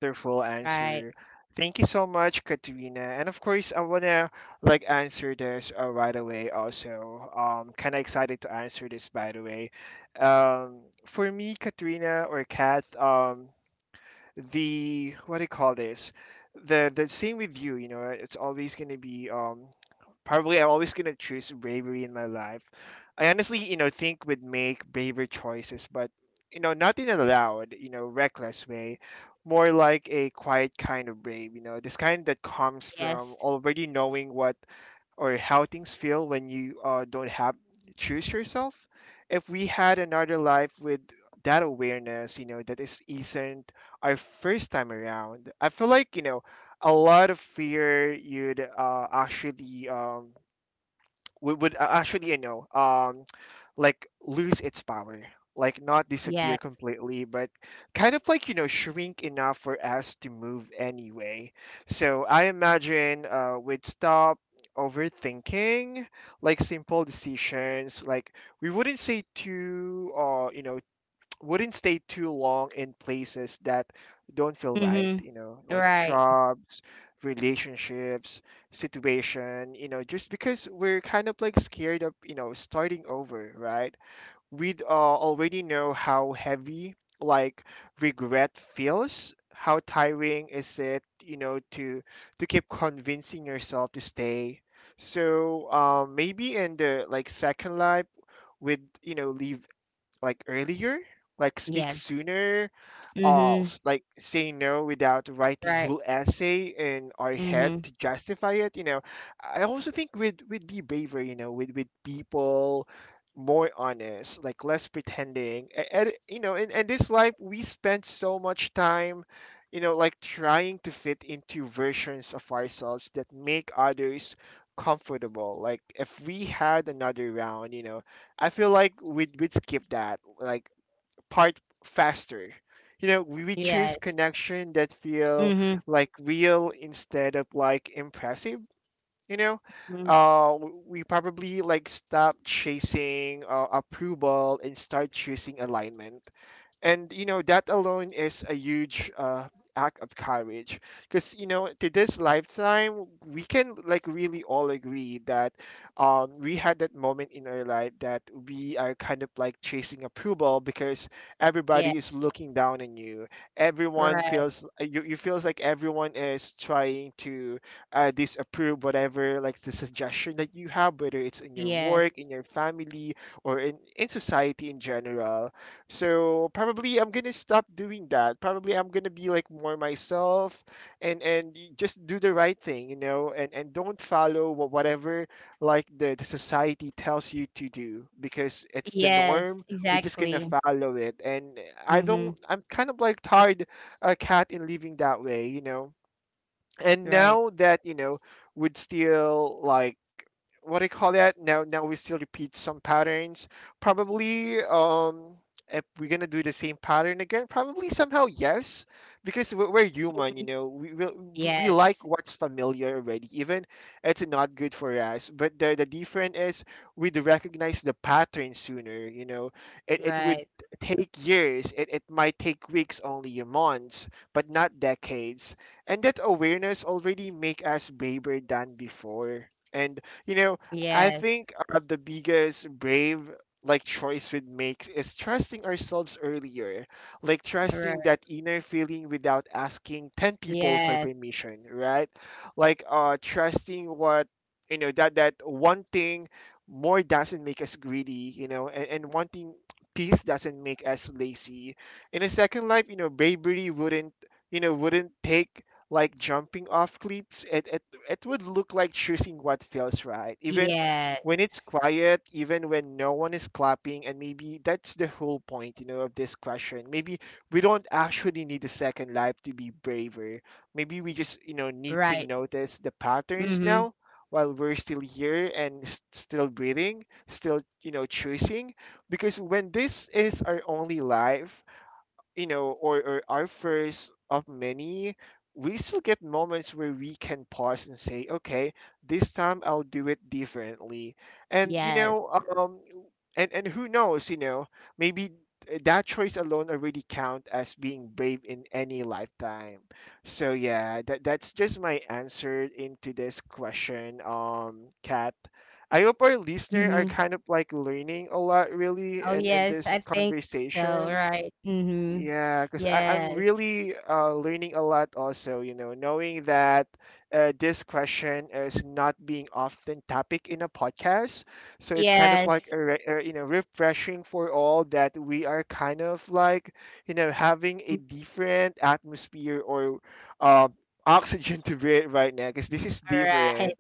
Speaker 1: Wonderful
Speaker 2: Right.
Speaker 1: answer. Thank you so much, Katrina. And of course, I wanna, like, answer this uh, right away. Also, um, kind of excited to answer this. By the way, um, for me, Katrina or Kat, um, the, what do you call this? The the same with you, you know, it's always gonna be um probably I'm always gonna choose bravery in my life. I honestly, you know, think would make braver choices, but, you know, not in a loud, you know, reckless way, more like a quiet kind of brave, you know, this kind that comes from
Speaker 2: Yes.
Speaker 1: already knowing what, or how things feel when you uh, don't have, choose yourself. If we had another life with that awareness, you know, that is isn't our first time around. I feel like you know a lot of fear you'd uh, actually um, would, would uh, actually you know um, like lose its power, like not disappear
Speaker 2: Yes.
Speaker 1: completely, but kind of like you know shrink enough for us to move anyway. So I imagine uh we'd stop overthinking, like simple decisions. Like we wouldn't say too uh you know wouldn't stay too long in places that don't feel right,
Speaker 2: Mm-hmm.
Speaker 1: you know like
Speaker 2: Right.
Speaker 1: jobs, relationships, situation, you know just because we're kind of like scared of you know starting over, right? We'd uh, already know how heavy, like, regret feels, how tiring is it, you know to to keep convincing yourself to stay. So um, maybe in the like second life would you know leave, like earlier, like speak
Speaker 2: Yes.
Speaker 1: sooner, uh
Speaker 2: Mm-hmm.
Speaker 1: s- like say no without writing
Speaker 2: Right.
Speaker 1: whole essay in our
Speaker 2: Mm-hmm.
Speaker 1: head to justify it you know I also think we'd we'd be braver, you know with with people more honest, like less pretending. A- and, you know in, in this life we spend so much time you know like trying to fit into versions of ourselves that make others comfortable. Like if we had another round, you know I feel like we'd, we'd skip that, like, part faster. You know, we, we choose
Speaker 2: Yes.
Speaker 1: connection that feel
Speaker 2: Mm-hmm.
Speaker 1: like real instead of like impressive. You know,
Speaker 2: Mm-hmm.
Speaker 1: uh, w- we probably like stop chasing uh, approval and start choosing alignment, and you know that alone is a huge uh, act of courage, because you know to this lifetime we can like really all agree that, um, we had that moment in our life that we are kind of like chasing approval, because
Speaker 2: Yeah.
Speaker 1: everybody is looking down on you, everyone
Speaker 2: Right.
Speaker 1: feels uh, you, you feels like everyone is trying to uh, disapprove whatever, like the suggestion that you have, whether it's in your
Speaker 2: Yeah.
Speaker 1: work, in your family, or in, in society in general. So probably I'm gonna stop doing that. Probably I'm gonna be like more myself, and and y- just do the right thing, you know, and and don't follow wha- whatever, like the, the society tells you to do, because it's the
Speaker 2: Yes.
Speaker 1: norm. We're just gonna
Speaker 2: Exactly.
Speaker 1: follow it, and I
Speaker 2: Mm-hmm.
Speaker 1: don't. I'm kind of like tired, a cat, in living that way, you know And
Speaker 2: Right.
Speaker 1: now that you know would still like, what do you call that, now now we still repeat some patterns. Probably um if we're gonna do the same pattern again, probably somehow, yes, because we're, we're
Speaker 2: Mm-hmm.
Speaker 1: human, you know we, we we
Speaker 2: Yes,
Speaker 1: like what's familiar already, even it's not good for us. But the, the difference is we'd recognize the pattern sooner, you know it, it would
Speaker 2: right.
Speaker 1: take years, it, it might take weeks, only months, but not decades. And that awareness already make us braver than before. And you know I
Speaker 2: Yes,
Speaker 1: think uh, the biggest brave, like, choice we make is trusting ourselves earlier, like trusting
Speaker 2: right.
Speaker 1: that inner feeling without asking ten people for
Speaker 2: Yes,
Speaker 1: permission, right? Like uh trusting what, you know that that one thing more doesn't make us greedy, you know and, and wanting peace doesn't make us lazy. In a second life, you know bravery wouldn't you know wouldn't take like jumping off cliffs. It, it, it would look like choosing what feels right, even
Speaker 2: yes,
Speaker 1: when it's quiet, even when no one is clapping. And maybe that's the whole point, you know, of this question. Maybe we don't actually need a second life to be braver. Maybe we just, you know, need to
Speaker 2: right.
Speaker 1: notice the patterns
Speaker 2: Mhm.
Speaker 1: now while we're still here and s- still breathing, still, you know, choosing. Because when this is our only life, you know, or, or our first of many, we still get moments where we can pause and say, okay, this time I'll do it differently. And, you
Speaker 2: Yes.
Speaker 1: know, um, and, and who knows, you know, maybe that choice alone already count as being brave in any lifetime. So yeah, that, that's just my answer into this question, um, Kat. I hope our listener are
Speaker 2: Mhm.
Speaker 1: kind of like learning a lot really,
Speaker 2: Oh,
Speaker 1: and and
Speaker 2: yes,
Speaker 1: this
Speaker 2: I think so,
Speaker 1: conversation,
Speaker 2: right. Mhm.
Speaker 1: yeah, because I'm
Speaker 2: Yes.
Speaker 1: really uh, learning a lot also, you know, knowing that uh, this question is not being often topic in a podcast. So it's kind of like,
Speaker 2: Yes.
Speaker 1: a, re- uh, you know, refreshing, for all that we are kind of like, you know, having a
Speaker 2: Mm,
Speaker 1: different atmosphere, or uh, oxygen to breathe right now, because this is
Speaker 2: right.
Speaker 1: different.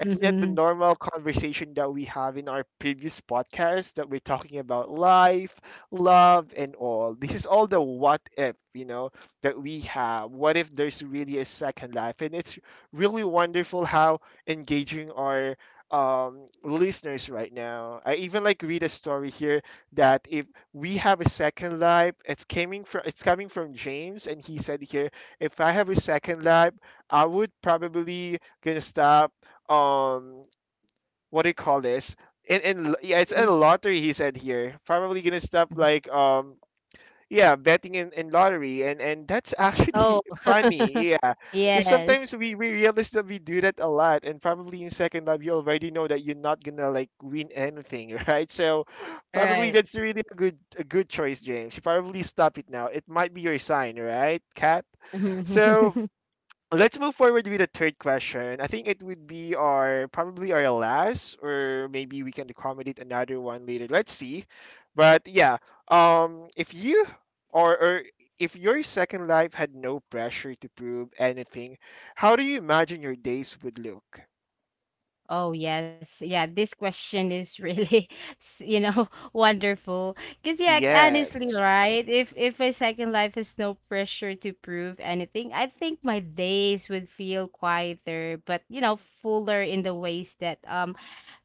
Speaker 1: It's not the
Speaker 2: Mhm.
Speaker 1: normal conversation that we have in our previous podcast, that we're talking about life, love, and all. This is all the what if, you know, that we have. What if there's really a second life? And it's really wonderful how engaging our um, listeners right now. I even like read a story here that if we have a second life, it's coming from it's coming from James, and he said here, if I have a second life, I would probably gonna stop, um what do you call this? And and yeah, it's a
Speaker 2: Mhm.
Speaker 1: lottery. He said here, probably gonna stop,
Speaker 2: Mhm.
Speaker 1: like, um yeah, betting in, in lottery, and and that's actually
Speaker 2: Oh.
Speaker 1: funny, yeah, because
Speaker 2: Yes.
Speaker 1: sometimes we, we realize that we do that a lot, and probably in second love you already know that you're not gonna like win anything right. So probably
Speaker 2: Right.
Speaker 1: that's really a good a good choice, James. You probably stop it now, it might be your sign, right, Cat? So
Speaker 2: Mhm.
Speaker 1: let's move forward with the third question. I think it would be our probably our last, or maybe we can accommodate another one later. Let's see. But yeah, um, if you, or or if your second life had no pressure to prove anything, how do you imagine your days would look?
Speaker 2: Oh yes, yeah. This question is really, s- you know, wonderful. Cause yeah, honestly,
Speaker 1: Yes.
Speaker 2: right? If if my second life has no pressure to prove anything, I think my days would feel quieter, but, you know, fuller in the ways that, um,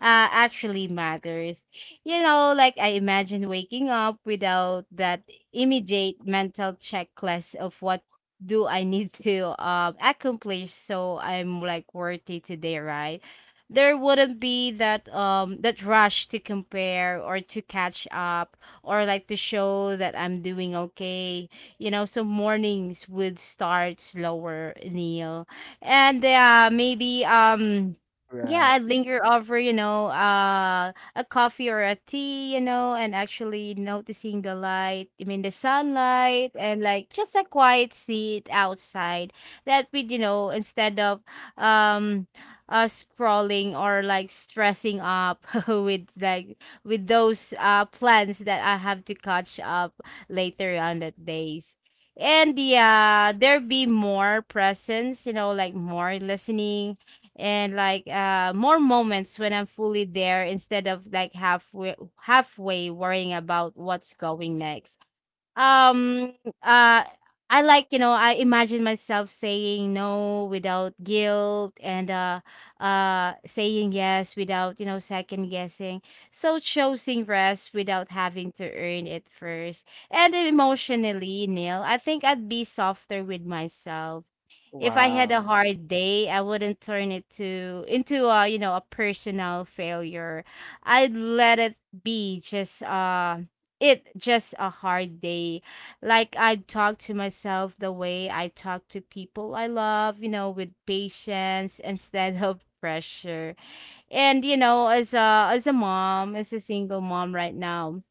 Speaker 2: uh, actually matters. You know, like I imagine waking up without that immediate mental checklist of what do I need to um accomplish so I'm like worthy today, right? There wouldn't be that um that rush to compare or to catch up or like to show that I'm doing okay. You know, so mornings would start slower, Neil. And yeah, maybe um yeah,
Speaker 1: Right.
Speaker 2: I'd linger over, you know, uh a coffee or a tea, you know, and actually noticing the light, I mean the sunlight, and like just a quiet seat outside. That would, you know, instead of um uh scrolling or like stressing up with like with those uh plans that I have to catch up later on that days. And yeah, there be more presence, you know, like more listening, and like uh more moments when I'm fully there instead of like halfway halfway worrying about what's going next. um uh I, like, you know, I imagine myself saying no without guilt, and uh uh saying yes without, you know, second guessing. So choosing rest without having to earn it first. And emotionally, Neil, I think I'd be softer with myself. If I had a
Speaker 1: Wow.
Speaker 2: hard day, I wouldn't turn it to into, a you know, a personal failure. I'd let it be just uh it just a hard day. Like I talk to myself the way I talk to people I love, you know, with patience instead of pressure. And you know, as a as a mom, as a single mom right now,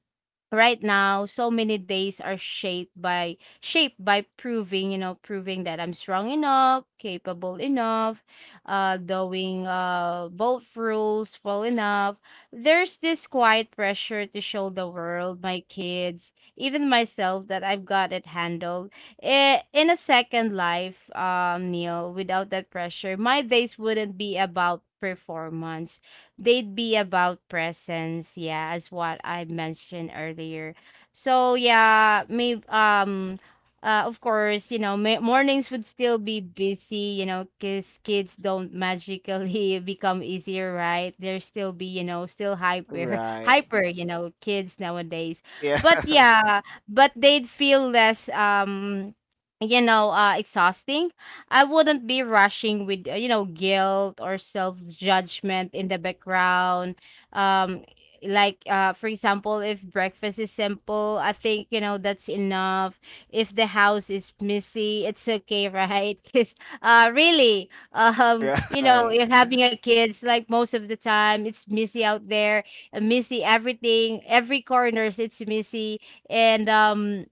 Speaker 2: right now so many days are shaped by shaped by proving, you know, proving that I'm strong enough, capable enough, uh doing uh both rules well enough. There's this quiet pressure to show the world, my kids, even myself, that I've got it handled. I- in a second life, um Neil, without that pressure, my days wouldn't be about performance. They'd be about presence, yeah, as what I mentioned earlier. So yeah, maybe, um uh, of course, you know, ma- mornings would still be busy, you know, because kids don't magically become easier, right? They're still be, you know, still hyper
Speaker 1: Right.
Speaker 2: hyper, you know, kids nowadays. But
Speaker 1: Yeah.
Speaker 2: yeah, but they'd feel less, um you know, uh exhausting. I wouldn't be rushing with, uh, you know, guilt or self judgment in the background. Um, like, uh, for example, if breakfast is simple, I think, you know, that's enough. If the house is messy, it's okay, right? Because uh, really, um, you know,
Speaker 1: Right.
Speaker 2: if having a kids, like most of the time, it's messy out there, uh, messy everything, every corners, it's messy. And um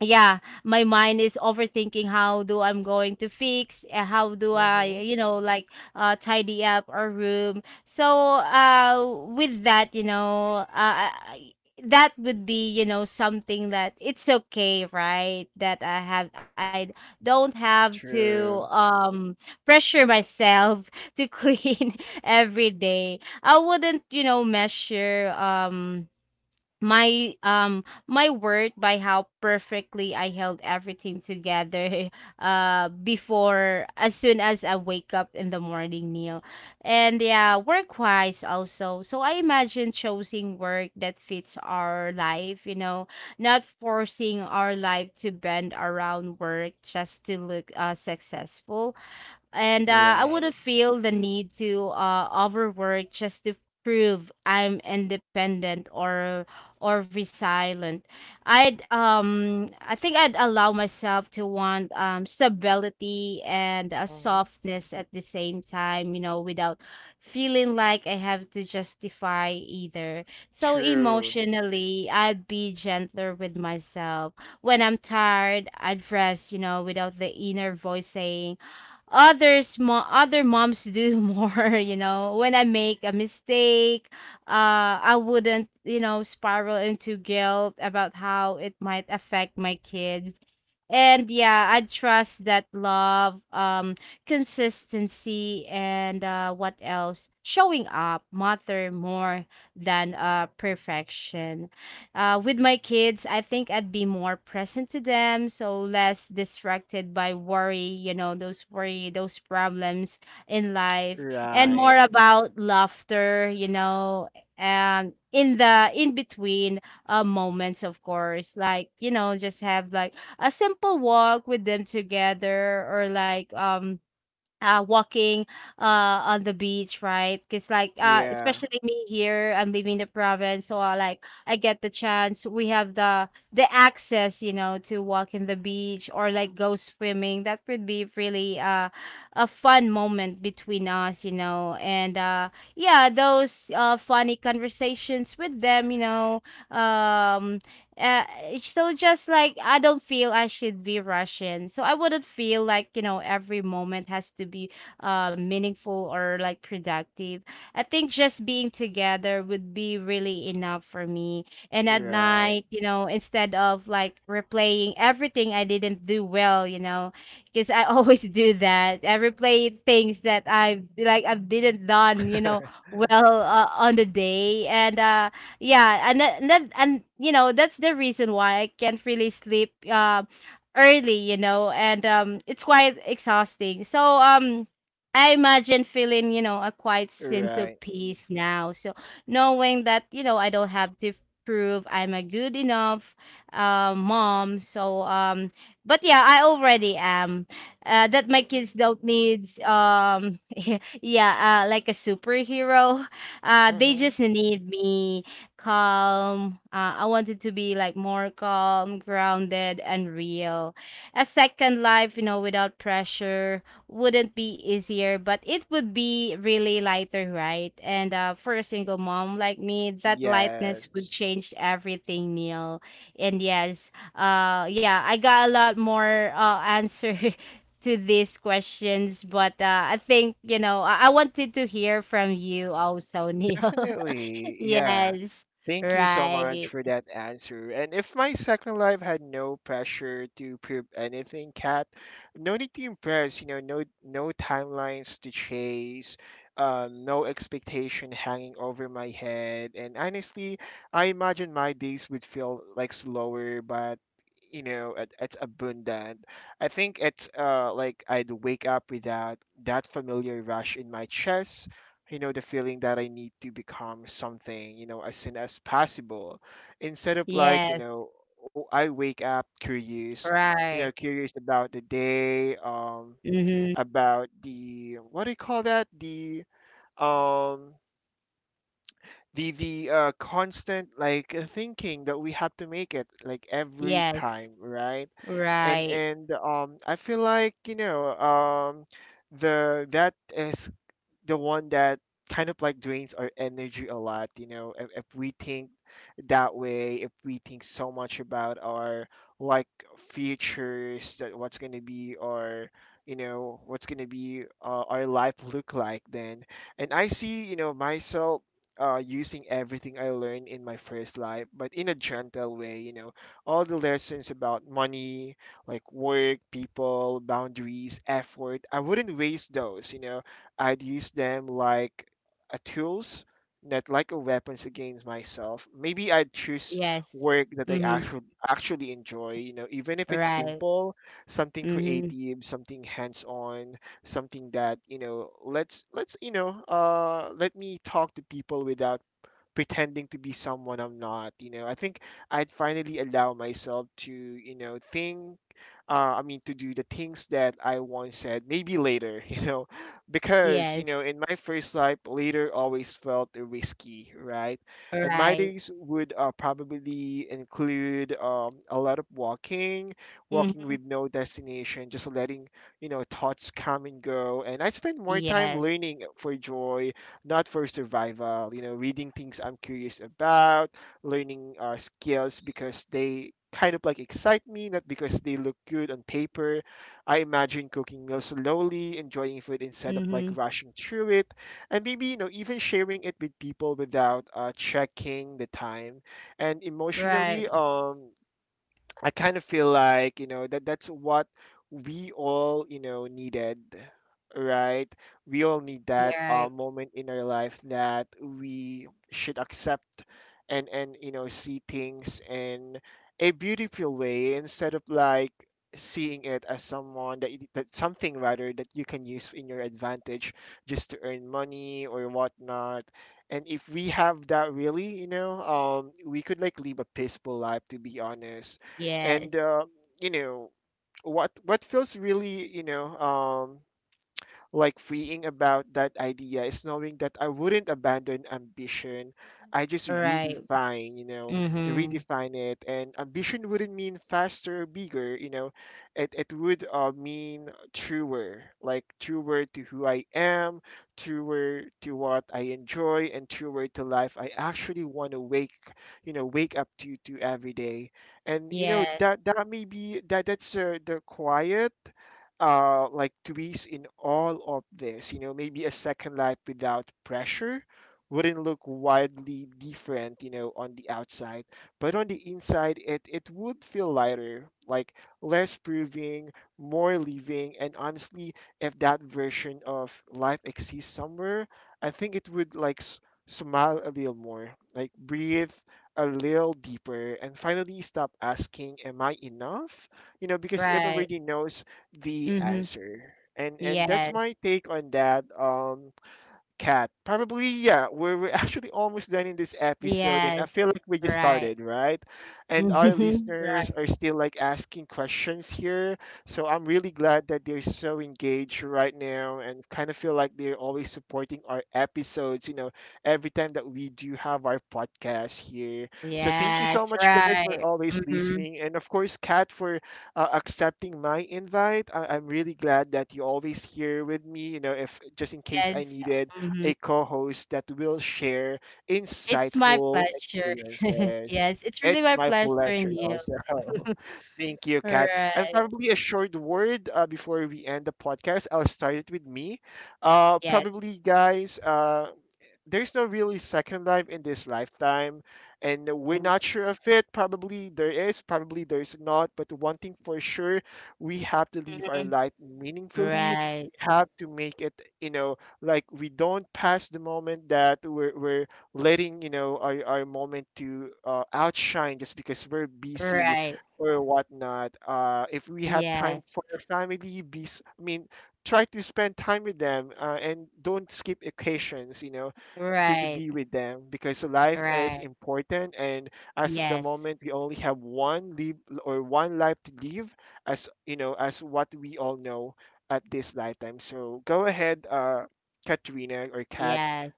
Speaker 2: Yeah, my mind is overthinking how do I'm going to fix, uh, how do I,
Speaker 1: Mm-hmm.
Speaker 2: you know, like uh tidy up our room. So uh with that, you know, uh I- that would be, you know, something that it's okay, right, that I have I don't have to
Speaker 1: True.
Speaker 2: um pressure myself to clean every day. I wouldn't, you know, measure um my um my worth by how perfectly I held everything together uh before, as soon as I wake up in the morning, Neil. And yeah, work wise also. So I imagine choosing work that fits our life, you know, not forcing our life to bend around work just to look uh successful. And uh, I
Speaker 1: Right.
Speaker 2: wouldn't feel the need to uh, overwork just to prove I'm independent or or resilient. I'd um I think I'd allow myself to want um stability and a
Speaker 1: Mm-hmm.
Speaker 2: softness at the same time, you know, without feeling like I have to justify either. So
Speaker 1: True.
Speaker 2: emotionally, I'd be gentler with myself. When I'm tired, I'd rest, you know, without the inner voice saying others mo- other moms do more. You know, when I make a mistake, uh I wouldn't, you know, spiral into guilt about how it might affect my kids. And yeah, I trust that love, um consistency, and uh what else, showing up matter more than uh perfection. Uh, with my kids, I think I'd be more present to them, so less distracted by worry, you know, those worry, those problems in life, and
Speaker 1: Right.
Speaker 2: more about laughter, you know, and in the in between uh, moments, of course, like, you know, just have like a simple walk with them together, or like um uh, walking uh on the beach, right? Because like uh
Speaker 1: Yeah.
Speaker 2: especially me here, I'm living the province, so I like I get the chance. We have the the access, you know, to walk in the beach or like go swimming. That would be really uh a fun moment between us, you know. And uh yeah, those uh funny conversations with them, you know. Um uh so, just like, I don't feel I should be rushing, so I wouldn't feel like, you know, every moment has to be uh meaningful or like productive. I think just being together would be really enough for me. And at
Speaker 1: Right.
Speaker 2: night, you know, instead of like replaying everything I didn't do well, you know, because I always do that, I replay things that I like I didn't done, you know, well, uh, on the day. And uh yeah, and that, and that and you know, that's the reason why I can't really sleep uh, early, you know. And um it's quite exhausting. So um I imagine feeling, you know, a quiet sense of
Speaker 1: Right.
Speaker 2: peace now, so knowing that, you know, I don't have to prove I'm a good enough uh, mom. So um but yeah, I already am, uh, that my kids don't need um yeah, uh, like a superhero. Uh they
Speaker 1: Mm-hmm.
Speaker 2: just need me calm. Uh, I wanted to be like more calm, grounded, and real. A second life, you know, without pressure wouldn't be easier, but it would be really lighter, right? And uh, for a single mom like me, that lightness would
Speaker 1: Yes.
Speaker 2: change everything, Neil. And yes, uh, yeah, I got a lot more uh, answer to these questions. But uh, I think, you know, I-, I wanted to hear from you also, Neil.
Speaker 1: Definitely, yeah.
Speaker 2: Yes,
Speaker 1: Thank you so much
Speaker 2: right.
Speaker 1: for that answer. And if my second life had no pressure to prove anything, Kat, no need to impress, you know, no no timelines to chase, um, no expectation hanging over my head. And honestly, I imagine my days would feel like slower, but you know, it, it's abundant. I think it's uh like I'd wake up without that familiar rush in my chest, you know the feeling that I need to become something, you know as soon as possible, instead of like, you
Speaker 2: Yes,
Speaker 1: know oh, I wake up curious, you know
Speaker 2: right.
Speaker 1: curious about the day, um
Speaker 2: Mhm.
Speaker 1: about the, what do you call that, the, um the the uh, constant, like, uh, thinking that we have to make it like every
Speaker 2: Yes,
Speaker 1: time, right? and
Speaker 2: right.
Speaker 1: and um I feel like, you know um the that is the one that kind of like drains our energy a lot, you know if, if we think that way, if we think so much about our, like, futures, that what's going to be our, you know what's going to be, uh, our life look like then. And I see, you know myself uh, using everything I learned in my first life, but in a gentle way, you know, all the lessons about money, like work, people, boundaries, effort, I wouldn't waste those, you know. I'd use them like a tools, not like a weapons against myself. Maybe I'd choose
Speaker 2: Yes.
Speaker 1: work that I
Speaker 2: Mhm.
Speaker 1: actually actually enjoy, you know, even if it's
Speaker 2: Right.
Speaker 1: simple, something
Speaker 2: Mhm.
Speaker 1: creative, something hands-on, something that, you know, let's let's, you know, uh let me talk to people without pretending to be someone I'm not. You know, I think I'd finally allow myself to, you know, think. Uh, I mean, to do the things that I once said, maybe later. You know, because
Speaker 2: Yes,
Speaker 1: you know, in my first life, later always felt risky, right? And my
Speaker 2: right.
Speaker 1: days would uh, probably include, um, a lot of walking, walking
Speaker 2: Mhm.
Speaker 1: with no destination, just letting, you know thoughts come and go. And I spend more time
Speaker 2: Yes.
Speaker 1: learning for joy, not for survival. You know, reading things I'm curious about, learning uh, skills because they kind of like excite me, not because they look good on paper. I imagine cooking meals slowly, enjoying food instead of like
Speaker 2: Mhm.
Speaker 1: rushing through it, and maybe, you know even sharing it with people without uh, checking the time. And emotionally,
Speaker 2: Right.
Speaker 1: um, I kind of feel like, you know, that that's what we all, you know, needed, right? We all need that
Speaker 2: Yeah.
Speaker 1: uh, moment in our life that we should accept, and and you know see things in a beautiful way, instead of like seeing it as someone that, you- that something rather, that you can use in your advantage, just to earn money or whatnot. And if we have that, really, you know um we could like live a peaceful life, to be honest.
Speaker 2: Yes.
Speaker 1: And uh, you know what what feels really, you know um, like, freeing about that idea is knowing that I wouldn't abandon ambition. I just
Speaker 2: Right.
Speaker 1: redefine, you know,
Speaker 2: Mhm.
Speaker 1: redefine it. And ambition wouldn't mean faster or bigger, you know, it, it would uh, mean truer, like truer to who I am, truer to what I enjoy, and truer to life I actually want to wake, you know, wake up to to every day. And you know
Speaker 2: Yes.
Speaker 1: that that may be that that's uh, the quiet, uh, like, twist in all of this. You know, maybe a second life without pressure wouldn't look wildly different, you know, on the outside. But on the inside, it, it would feel lighter, like less proving, more living. And honestly, if that version of life exists somewhere, I think it would like s- smile a little more, like breathe a little deeper, and finally stop asking, am I enough? You know, because it
Speaker 2: Right.
Speaker 1: already knows the
Speaker 2: Mhm.
Speaker 1: answer. And and that's
Speaker 2: Yes.
Speaker 1: my take on that. Um, Cat, probably, yeah. We're, we're actually almost done in this episode, and I
Speaker 2: Yes.
Speaker 1: feel like we just
Speaker 2: Right.
Speaker 1: started, right? And our
Speaker 2: Mhm.
Speaker 1: listeners
Speaker 2: Right.
Speaker 1: are still like asking questions here, so I'm really glad that they're so engaged right now, and kind of feel like they're always supporting our episodes. You know, every time that we do have our podcast here. So thank you so
Speaker 2: Yes.
Speaker 1: much, guys, for
Speaker 2: Right.
Speaker 1: always
Speaker 2: Mhm.
Speaker 1: listening, and of course, Kat for uh, accepting my invite. I- I'm really glad that you are always here with me. You know, if just in case I
Speaker 2: Yes.
Speaker 1: needed
Speaker 2: Mhm.
Speaker 1: a co host that will share
Speaker 2: It's my
Speaker 1: insightful
Speaker 2: pleasure.
Speaker 1: experiences.
Speaker 2: Yes, it's
Speaker 1: It's
Speaker 2: really my
Speaker 1: my
Speaker 2: pleasure,
Speaker 1: pleasure
Speaker 2: Neil.
Speaker 1: also. Thank you, Kat. And
Speaker 2: Right.
Speaker 1: probably a short word uh, before we end the podcast. I'll start it with me. Uh,
Speaker 2: Yes.
Speaker 1: probably, guys, uh, there's no really second life in this lifetime, and we're not sure of it. Probably there is, probably there's not. But one thing for sure, we have to live our
Speaker 2: Mhm.
Speaker 1: life meaningfully.
Speaker 2: Right.
Speaker 1: We have to make it, you know, like we don't pass the moment that we're, we're letting, you know, our, our moment to uh, outshine, just because we're busy
Speaker 2: Right.
Speaker 1: or whatnot. Uh, if we have time
Speaker 2: Yes.
Speaker 1: for our family, be, s- I mean, try to spend time with them, uh, and don't skip occasions, you know to, to
Speaker 2: Right.
Speaker 1: be with them, because life is
Speaker 2: Right.
Speaker 1: important. And as at the
Speaker 2: Yes.
Speaker 1: moment we only have one live or one life to live, as, you know as what we all know at this lifetime. So go ahead, uh Katrina, or Kat.
Speaker 2: Yes.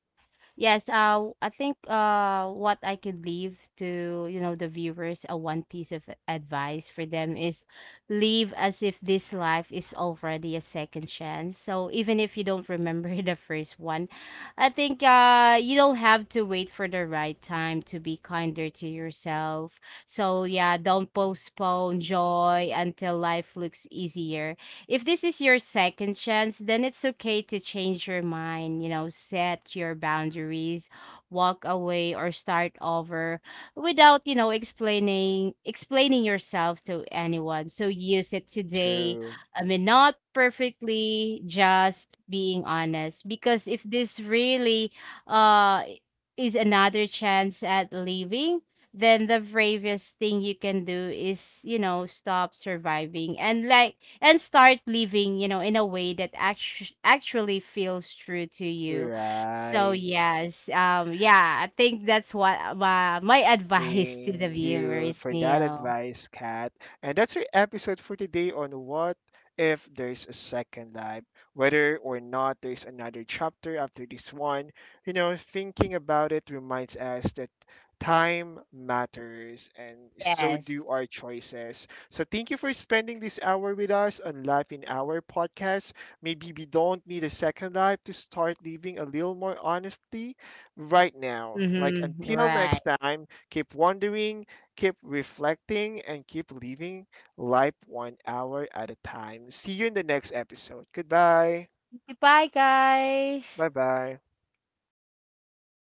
Speaker 2: Yes, uh, I think, uh, what I could leave to, you know, the viewers, a one piece of advice for them is, live as if this life is already a second chance. So even if you don't remember the first one, I think, uh, you don't have to wait for the right time to be kinder to yourself. So yeah, don't postpone joy until life looks easier. If this is your second chance, then it's okay to change your mind, you know, set your boundaries, walk away, or start over without, you know, explaining explaining yourself to anyone. So use it today.
Speaker 1: True.
Speaker 2: I mean, not perfectly, just being honest, because if this really uh is another chance at leaving, then the bravest thing you can do is, you know, stop surviving. And like and start living, you know, in a way that actu- actually feels true to you. So
Speaker 1: Right.
Speaker 2: yes, um, yeah, I think that's what my my advice to
Speaker 1: Thank
Speaker 2: the
Speaker 1: you
Speaker 2: viewers,
Speaker 1: for that
Speaker 2: Neil.
Speaker 1: advice, Kat. And that's our episode for today on what if there's a second life. Whether or not there's another chapter after this one, you know, thinking about it reminds us that time matters, and so do
Speaker 2: Yes.
Speaker 1: our choices. So thank you for spending this hour with us on Life in Our podcast. Maybe we don't need a second life to start living a little more honestly right now. Like,
Speaker 2: Mm-hmm.
Speaker 1: until
Speaker 2: Right.
Speaker 1: next time. Keep wondering, keep reflecting, and keep living life one hour at a time. See you in the next episode. Goodbye.
Speaker 2: Goodbye, guys.
Speaker 1: Bye bye.